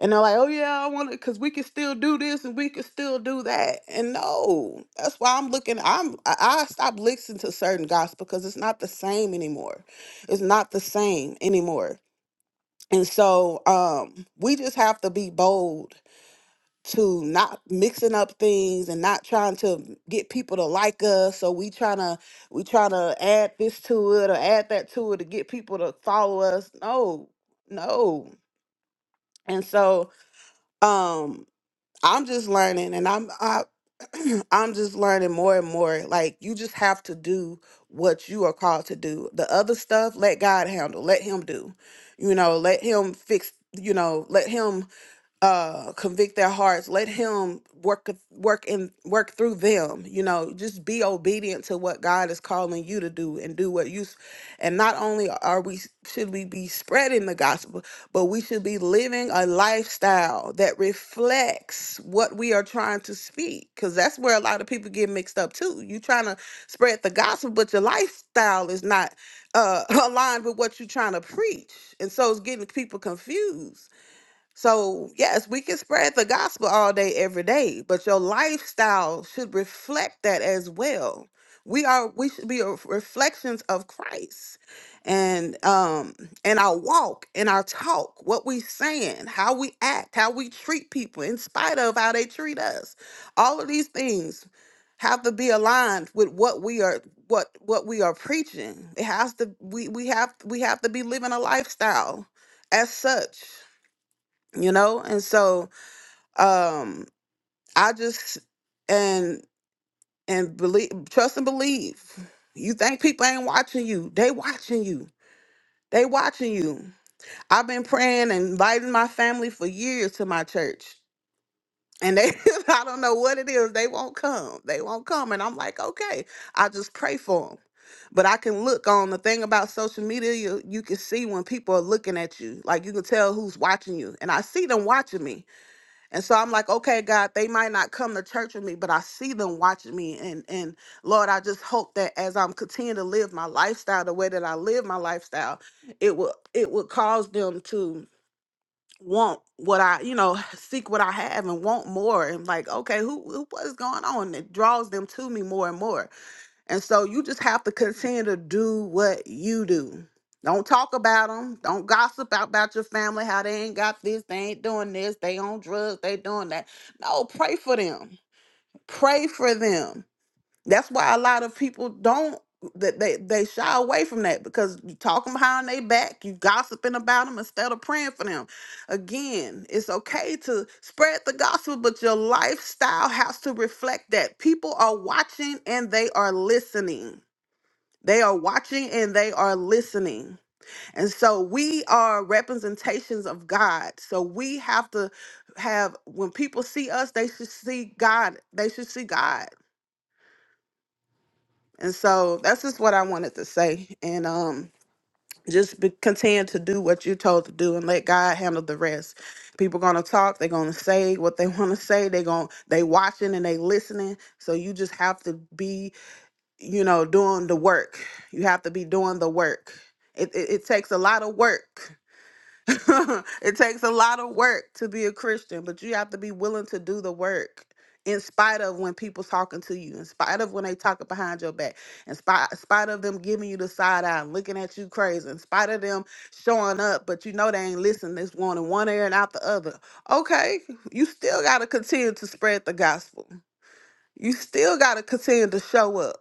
[SPEAKER 7] And they're like, "Oh yeah, I want to cuz we can still do this and we can still do that." And no. That's why I'm looking I'm I, I stopped listening to certain gospel because it's not the same anymore. It's not the same anymore and so um, we just have to be bold to not mixing up things and not trying to get people to like us. So we trying to we trying to add this to it or add that to it to get people to follow us. No, no. And so um, I'm just learning and I'm I, I'm just learning more and more. Like you just have to do what you are called to do. The other stuff, let God handle. Let him do. You know, let him fix, you know, let him uh convict their hearts. Let him work work in work through them. You know, just be obedient to what God is calling you to do and do what you s- and not only are we should we be spreading the gospel, but we should be living a lifestyle that reflects what we are trying to speak because that's where a lot of people get mixed up too you trying to spread the gospel but your lifestyle is not uh, aligned with what you're trying to preach and so it's getting people confused so, yes, we can spread the gospel all day, every day, but your lifestyle should reflect that as well. We are we should be a reflections of Christ, and um, and our walk, and our talk, what we saying, how we act, how we treat people, in spite of how they treat us. All of these things have to be aligned with what we are what what we are preaching. It has to we we have we have to be living a lifestyle as such you know and so um i just and and believe trust and believe you think people ain't watching you they watching you they watching you i've been praying and inviting my family for years to my church and they i don't know what it is they won't come they won't come and i'm like okay i just pray for them but i can look on the thing about social media you, you can see when people are looking at you like you can tell who's watching you and i see them watching me And so I'm like, okay, God, they might not come to church with me, but I see them watching me. And and Lord, I just hope that as I'm continuing to live my lifestyle the way that I live my lifestyle, it will it will cause them to want what I, you know, seek what I have and want more. And like, okay, who, who what is going on? It draws them to me more and more. And so you just have to continue to do what you do. Don't talk about them. Don't gossip about your family, how they ain't got this, they ain't doing this, they on drugs, they doing that. No, pray for them. Pray for them. That's why a lot of people don't that they, they shy away from that because you talking behind their back, you gossiping about them instead of praying for them. Again, it's okay to spread the gospel, but your lifestyle has to reflect that. People are watching and they are listening they are watching and they are listening. And so we are representations of God. So we have to have, when people see us, they should see God. They should see God. And so that's just what I wanted to say. And um, just be, continue to do what you're told to do and let God handle the rest. People gonna talk, they're gonna say what they wanna say, they gon' they watching and they listening. So you just have to be you know, doing the work. You have to be doing the work. It, it, it takes a lot of work. it takes a lot of work to be a Christian, but you have to be willing to do the work in spite of when people talking to you, in spite of when they talking behind your back, in spite, in spite of them giving you the side eye and looking at you crazy, in spite of them showing up, but you know they ain't listening. It's one in one ear and out the other. Okay, you still got to continue to spread the gospel. You still got to continue to show up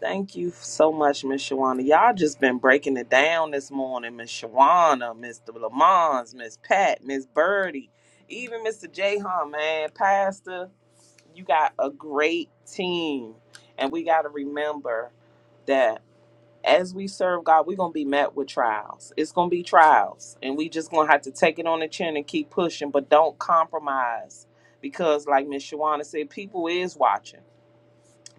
[SPEAKER 3] Thank you so much, Miss Shawana. Y'all just been breaking it down this morning. Miss Shawana, Mr. Lamons, Miss Pat, Miss Birdie, even Mr. Jahan, man. Pastor, you got a great team. And we got to remember that. as we serve God, we're gonna be met with trials. It's gonna be trials, and we just gonna have to take it on the chin and keep pushing, but don't compromise, because like Miss Shawana said, people is watching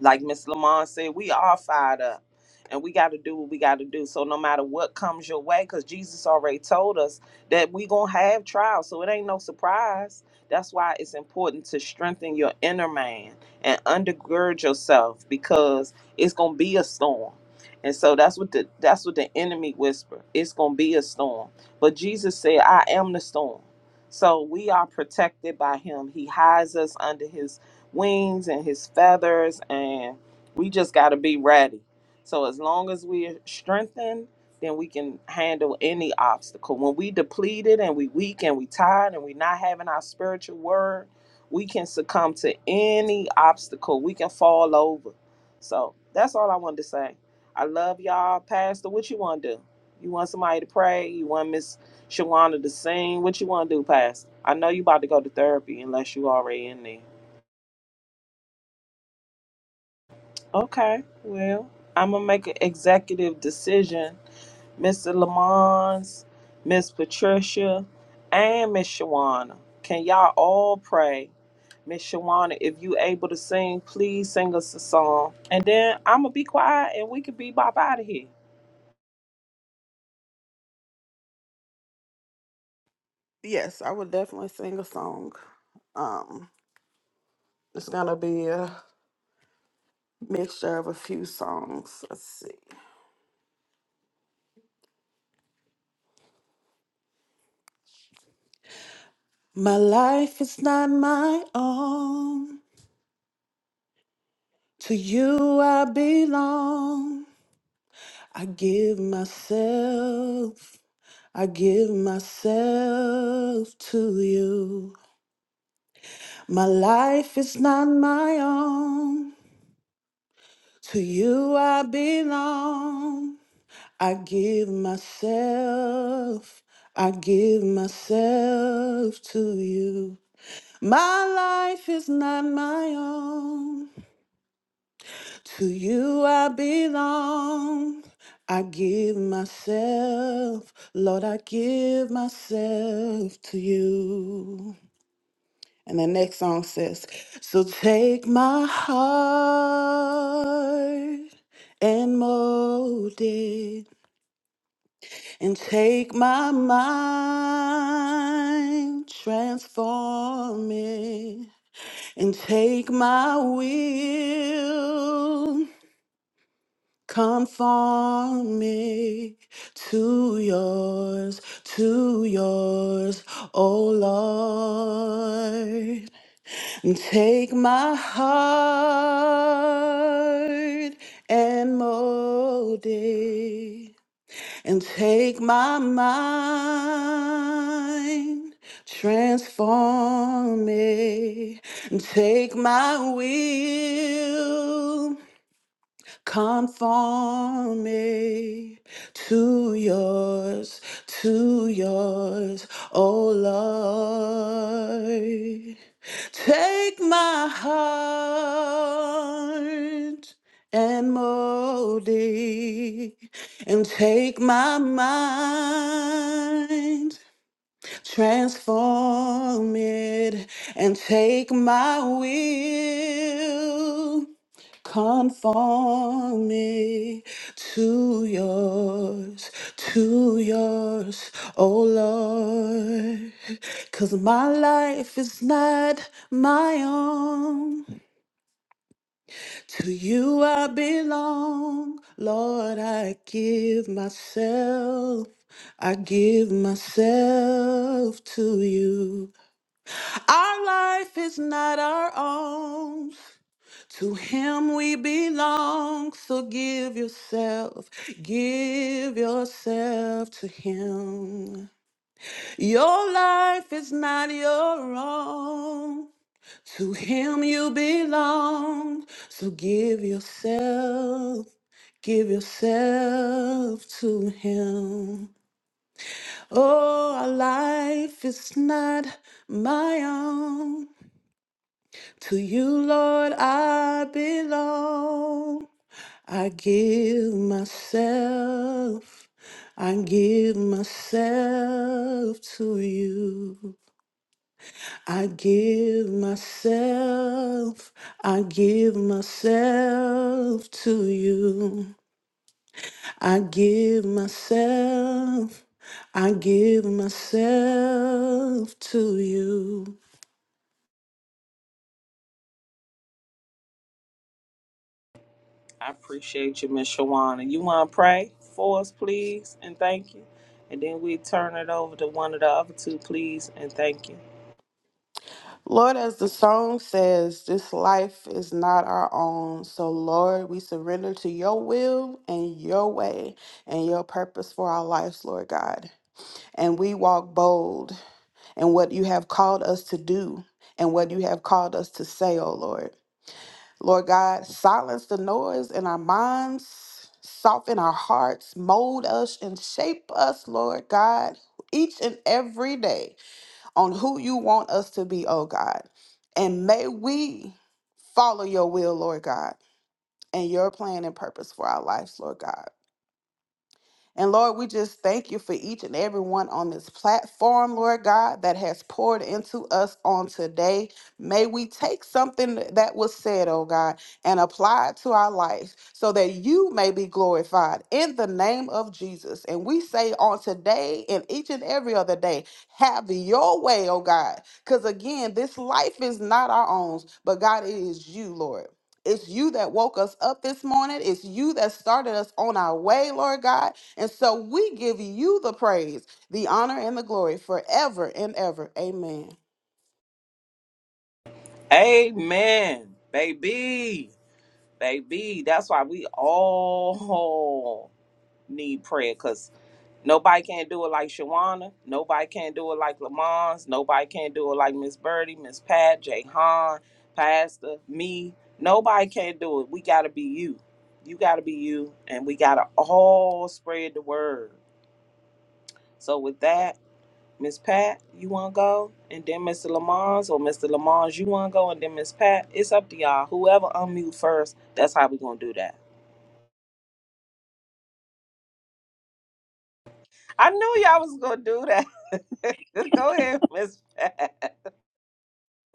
[SPEAKER 3] like Miss Lamont said, we are fired up and we got to do what we got to do. So no matter what comes your way, because Jesus already told us that we going to have trials. So it ain't no surprise. That's why it's important to strengthen your inner man and undergird yourself because it's going to be a storm. And so that's what the that's what the enemy whisper. It's gonna be a storm. But Jesus said, I am the storm. So we are protected by him. He hides us under his wings and his feathers, and we just got to be ready. So as long as we're strengthened, then we can handle any obstacle. When we depleted and we weak and we tired and we not having our spiritual word, we can succumb to any obstacle. We can fall over. So that's all I wanted to say. I love y'all, Pastor. What you want to do? You want somebody to pray? You want Miss Shawana to sing? What you want to do, Pastor? I know you about to go to therapy unless you already in there. Okay, well, I'm gonna make an executive decision. Mr. Lamons, Miss Patricia, and Miss Shawana. Can y'all all pray? Miss Shawana, if you able to sing, please sing us a song. And then I'm gonna be quiet and we can be bop out of here.
[SPEAKER 7] Yes, I would definitely sing a song. Um, it's gonna be a mixture of a few songs. Let's see. My life is not my own. To you I belong. I give myself, I give myself to you. My life is not my own. To you I belong. I give myself, I give myself to you. My life is not my own. To you I belong. I give myself, Lord, I give myself to you. And the next song says, So take my heart and mold it. and take my mind, transform it, and take my will, conform it to yours, to yours, O Lord, and take my heart and mold it and take my mind, transform me, and take my will Conform me to yours, to yours, oh Lord. Take my heart and mold it, and take my mind, transform it, and take my will Conform me to yours, to yours, oh Lord. Cause my life is not my own. To you I belong, Lord. I give myself, I give myself to you. Our life is not our own. To him we belong, so give yourself, give yourself to him. Your life is not your own. To him you belong, so give yourself, give yourself to him. Oh, our life is not my own. To you, Lord, I belong. I give myself, I give myself to you. I give myself, I give myself to you. I give myself, I give myself to you.
[SPEAKER 3] I appreciate you, Miss Shawana. You wanna pray for us, please, and thank you. And then we turn it over to one of the other two, please, and thank you.
[SPEAKER 7] Lord, as the song says, this life is not our own. So, Lord, we surrender to your will and your way and your purpose for our lives, Lord God. And we walk bold in what you have called us to do and what you have called us to say, oh Lord. Lord God, silence the noise in our minds, soften our hearts, mold us, and shape us, Lord God, each and every day on who you want us to be, oh God. And may we follow your will, Lord God, and your plan and purpose for our lives, Lord God. And Lord, we just thank you for each and every one on this platform, Lord God, that has poured into us on today. May we take something that was said, oh God, and apply it to our lives so that you may be glorified in the name of Jesus. And we say on today and each and every other day, have your way, oh God. Because again, this life is not our own, but God, it is you, Lord. It's you that woke us up this morning. It's you that started us on our way, Lord God. And so we give you the praise, the honor, and the glory forever and ever. Amen.
[SPEAKER 3] Amen, baby. Baby, that's why we all need prayer because nobody can do it like Shawana. Nobody can do it like Lamont's. Nobody can do it like Miss Birdie, Miss Pat, Jay Han, Pastor, me. Nobody can do it. We got to be you. You got to be you. And we got to all spread the word. So, with that, Miss Pat, you want to go? And then Mr. Lamont's, or Mr. Lamont's, you want to go? And then Miss Pat, it's up to y'all. Whoever unmute first, that's how we going to do that. I knew y'all was gonna do that. Go ahead, Miss Pat.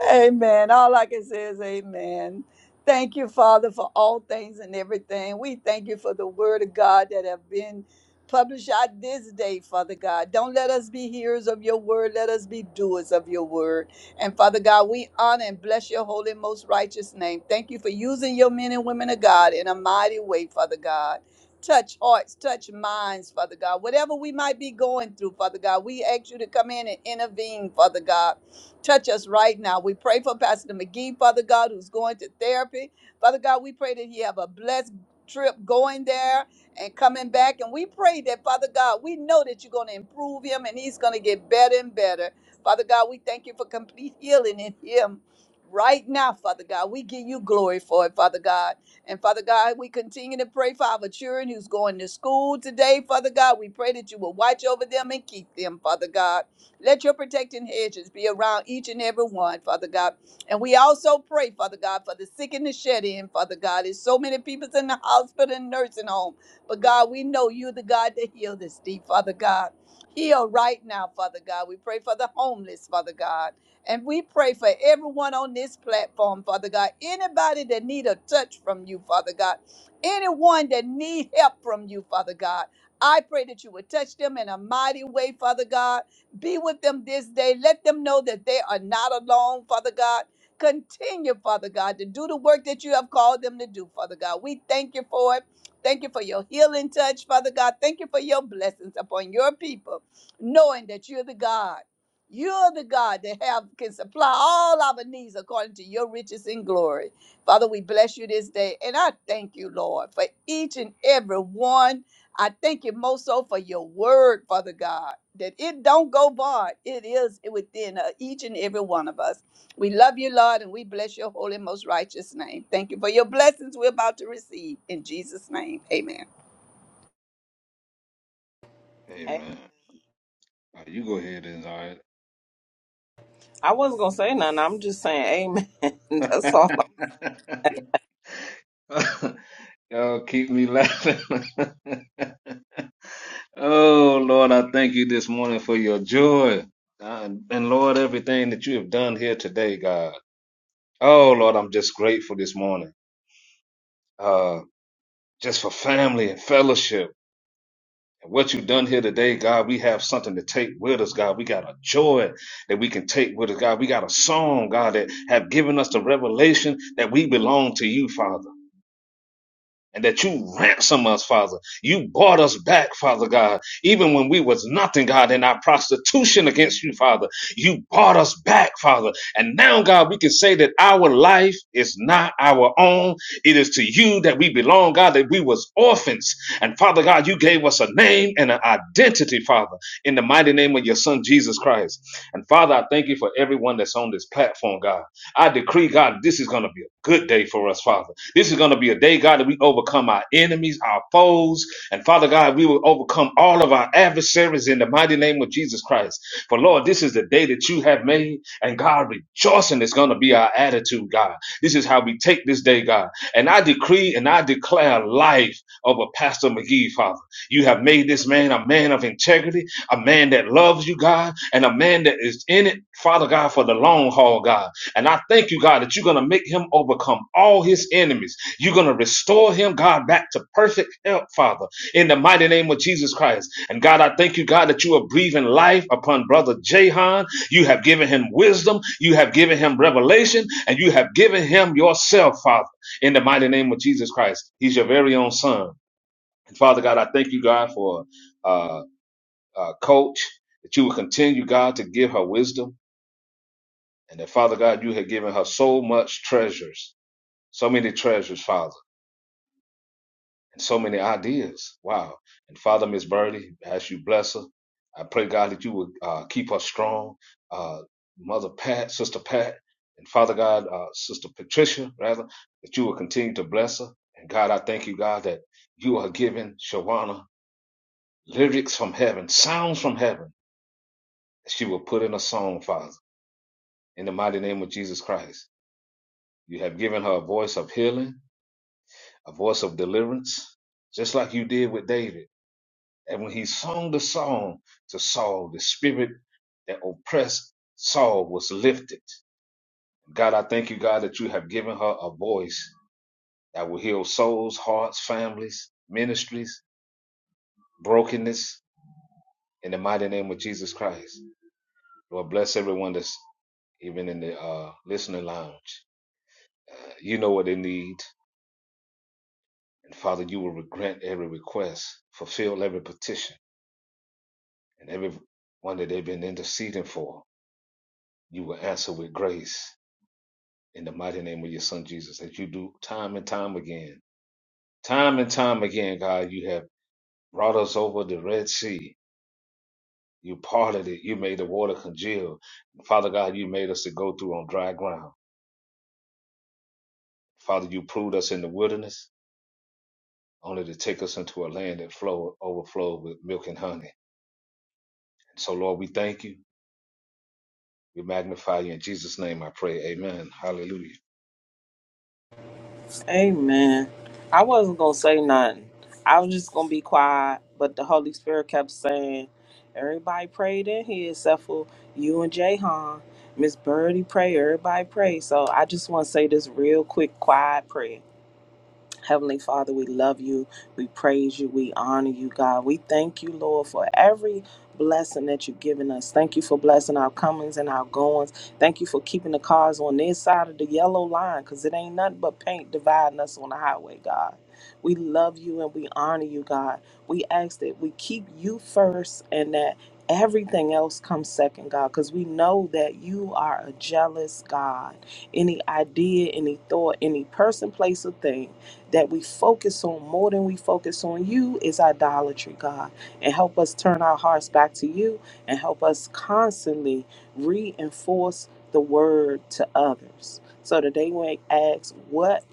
[SPEAKER 6] Amen. All I can say is amen. Thank you, Father, for all things and everything. We thank you for the word of God that have been published out this day, Father God. Don't let us be hearers of your word. Let us be doers of your word. And Father God, we honor and bless your holy, most righteous name. Thank you for using your men and women of God in a mighty way, Father God. Touch hearts, touch minds, Father God. Whatever we might be going through, Father God, we ask you to come in and intervene, Father God. Touch us right now. We pray for Pastor McGee, Father God, who's going to therapy. Father God, we pray that he have a blessed trip going there and coming back. And we pray that, Father God, we know that you're going to improve him and he's going to get better and better. Father God, we thank you for complete healing in him right now, Father God. We give you glory for it, Father God. And Father God, we continue to pray for our children who's going to school today, Father God. We pray that you will watch over them and keep them, Father God. Let your protecting hedges be around each and every one, Father God. And we also pray, Father God, for the sick and the shed in, Father God. There's so many people's in the hospital and nursing home. But God, we know you the God that heal this deep, Father God. Heal right now, Father God. We pray for the homeless, Father God. And we pray for everyone on this platform, Father God. Anybody that need a touch from you, Father God. Anyone that need help from you, Father God. I pray that you would touch them in a mighty way, Father God be with them this day. Let them know that they are not alone, Father God. Continue, Father God, to do the work that you have called them to do, Father God. We thank you for it. Thank you for your healing touch, Father God. Thank you for your blessings upon your people, knowing that you're the God. You're the God that have can supply all our needs according to your riches and glory. Father, we bless you this day. And I thank you, Lord, for each and every one I thank you most so for your word, Father God, that it don't go void. It is within uh, each and every one of us. We love you, Lord, and we bless your holy, most righteous name. Thank you for your blessings we're about to receive. In Jesus' name, amen.
[SPEAKER 3] Hey,
[SPEAKER 4] Amen. All right, you go ahead and all
[SPEAKER 3] I wasn't gonna say nothing. I'm just saying amen. That's all I'm
[SPEAKER 4] right. Y'all keep me laughing. Oh, Lord, I thank you this morning for your joy. God. And Lord, everything that you have done here today, God. Oh, Lord, I'm just grateful this morning. Uh, just for family and fellowship. And what you've done here today, God, we have something to take with us, God. We got a joy that we can take with us, God. We got a song, God, that have given us the revelation that we belong to you, Father. and that you ransom us, Father. You bought us back, Father God. Even when we was nothing, God, in our prostitution against you, Father, you bought us back, Father. And now, God, we can say that our life is not our own. It is to you that we belong, God, that we was orphans. And Father God, you gave us a name and an identity, Father, in the mighty name of your son, Jesus Christ. And Father, I thank you for everyone that's on this platform, God. I decree, God, this is going to be a good day for us, Father. This is going to be a day, God, that we overcome our enemies, our foes, and Father God, we will overcome all of our adversaries in the mighty name of Jesus Christ. For Lord, this is the day that you have made, and God, rejoicing is going to be our attitude, God. This is how we take this day, God. And I decree and I declare life over Pastor McGee, Father. You have made this man a man of integrity, a man that loves you, God, and a man that is in it, Father God, for the long haul, God. And I thank you, God, that you're going to make him overcome all his enemies. You're going to restore him, God, back to perfect health, Father, in the mighty name of Jesus Christ. And God, I thank you, God, that you are breathing life upon Brother Jahan. You have given him wisdom, you have given him revelation, and you have given him yourself, Father, in the mighty name of Jesus Christ. He's your very own son. And Father God, I thank you, God, for uh, uh, Coach, that you will continue, God, to give her wisdom and that Father God, you had given her so much treasures, so many treasures, Father, and so many ideas. Wow. And Father, Miss Birdie, as you bless her, I pray God that you would uh, keep her strong. Uh, Mother Pat, Sister Pat, and Father God, uh, Sister Patricia, rather, that you will continue to bless her. And God, I thank you, God, that you are giving Shawana lyrics from heaven, sounds from heaven, that she will put in a song, Father, in the mighty name of Jesus Christ. You have given her a voice of healing a voice of deliverance, just like you did with David. And when he sung the song to Saul, the spirit that oppressed Saul was lifted. God, I thank you, God, that you have given her a voice that will heal souls, hearts, families, ministries, brokenness in the mighty name of Jesus Christ. Lord, bless everyone that's even in the uh, listening lounge. You know what they need. And Father, you will grant every request, fulfill every petition and every one that they've been interceding for, you will answer with grace in the mighty name of your son Jesus, as you do time and time again. Time and time again, God, you have brought us over the Red Sea. You parted it. You made the water congeal. Father God, you made us to go through on dry ground. Father, you proved us in the wilderness, only to take us into a land that flow, overflowed with milk and honey. So, Lord, we thank you. We magnify you. In Jesus' name I pray. Amen. Hallelujah.
[SPEAKER 3] saying. Amen. I wasn't gonna say nothing. I was just gonna be quiet, but the Holy Spirit kept saying, Everybody prayed in here except for you and Jay Miss Birdie prayed, everybody prayed. So I just wanna say this real quick, quiet prayer. Heavenly Father, we love you. We praise you. We honor you, God. We thank you, Lord, for every blessing that you've given us. Thank you for blessing our comings and our goings. Thank you for keeping the cars on this side of the yellow line because it ain't nothing but paint dividing us on the highway, God. We love you and we honor you, God. We ask that we keep you first and that everything else comes second, God, because we know that you are a jealous God. Any idea, any thought, any person, place, or thing that we focus on more than we focus on you is idolatry, God. And help us turn our hearts back to you and help us constantly reinforce the word to others. So today when they ask, what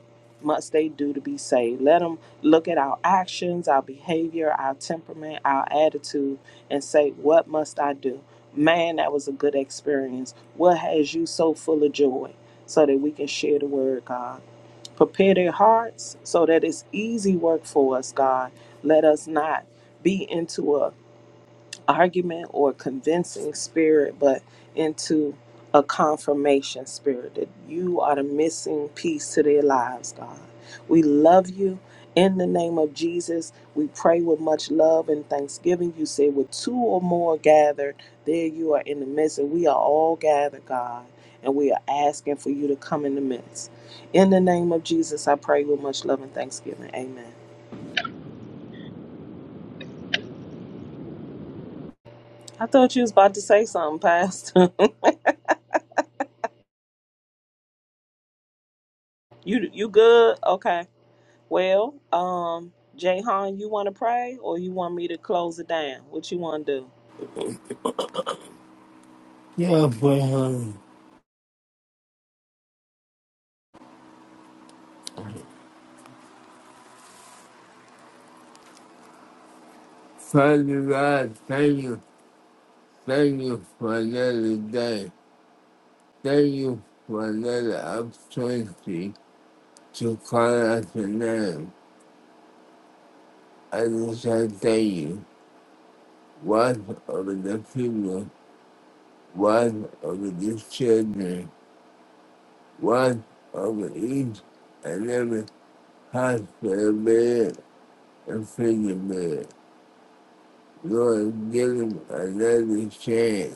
[SPEAKER 3] must they do to be saved? Let them look at our actions, our behavior, our temperament, our attitude, and say, what must I do? Man, that was a good experience. What has you so full of joy? So that we can share the word, God. Prepare their hearts so that it's easy work for us, God. Let us not be into a argument or convincing spirit, but into a confirmation spirit that you are the missing piece to their lives, God. We love you. In the name of Jesus, we pray with much love and thanksgiving. You say, with two or more gathered, there you are in the midst, and we are all gathered, God, and we are asking for you to come in the midst. In the name of Jesus, I pray with much love and thanksgiving. Amen. I thought you was about to say something, Pastor. You you good? Okay. Well, um, Jayhan, you want to pray or you want me to close it down? What you want to do?
[SPEAKER 2] Yeah, but um, Father God, thank you. Thank you for another day. Thank you for another opportunity to call out your name. I just want thank you. Watch over the people, watch over these children, watch over each and every hospital bed and prison bed. Lord, give them another chance.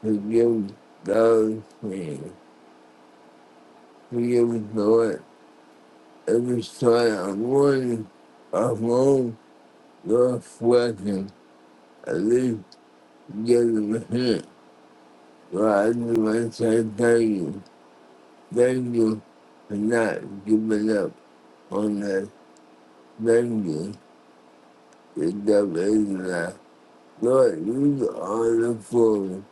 [SPEAKER 2] Forgive those things. Forgive, Lord, every story of warning, of home, Lord, forgive at least give them a hint. Well, I just want to say thank you. Thank you for not giving up on that. Thank you. The devil is Lord, you are the fool.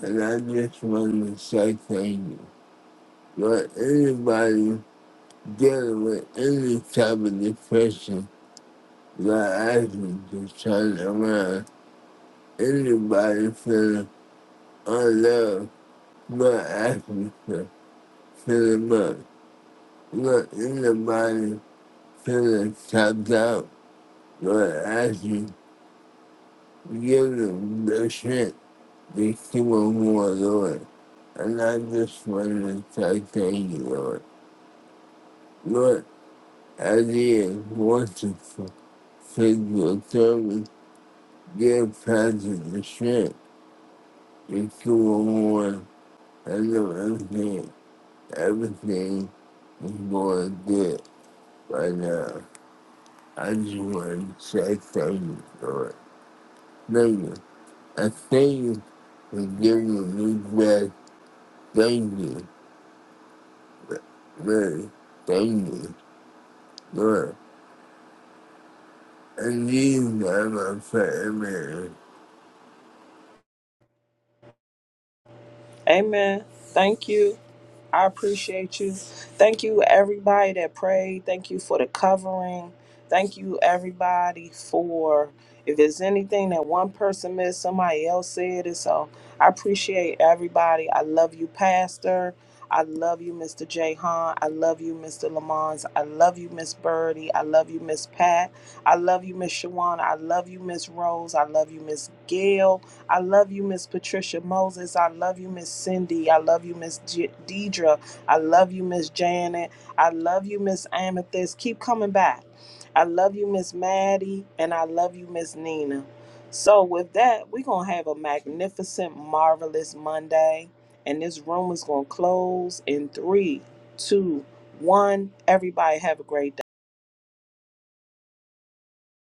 [SPEAKER 2] And I just want to say thank you. Lord, anybody dealing with any type of depression, Lord, I ask you to turn it around. Anybody feeling unloved, Lord, I ask you to fill them up. Look, anybody finna top out, Lord, I ask you, give them the shit they keep on going, Lord. And I just want to say thank you, Lord. Lord, I did want to f- physical therapy, get past the shit they keep on going. I know everything, everything is going good right now. I just want to say thank you, Lord. Later, I thank you for giving me breath. Thank you, Mary. Thank you, Lord. And these are my prayer, Mary.
[SPEAKER 3] Amen. Thank you. I appreciate you. Thank you, everybody that prayed. Thank you for the covering. Thank you, everybody, for if it's anything that one person missed, somebody else said it. So I appreciate everybody. I love you, Pastor. I love you, Mr. Jay Han. I love you, Mr. Lamons. I love you, Miss Birdie. I love you, Miss Pat. I love you, Miss Shawana. I love you, Miss Rose. I love you, Miss Gail. I love you, Miss Patricia Moses. I love you, Miss Cindy. I love you, Miss J- Deidre. I love you, Miss Janet. I love you, Miss Amethyst. Keep coming back. I love you, Miss Maddie. And I love you, Miss Nina. So, with that, we're going to have a magnificent, marvelous Monday. And this room is going to close in three, two, one. Everybody, have a great day.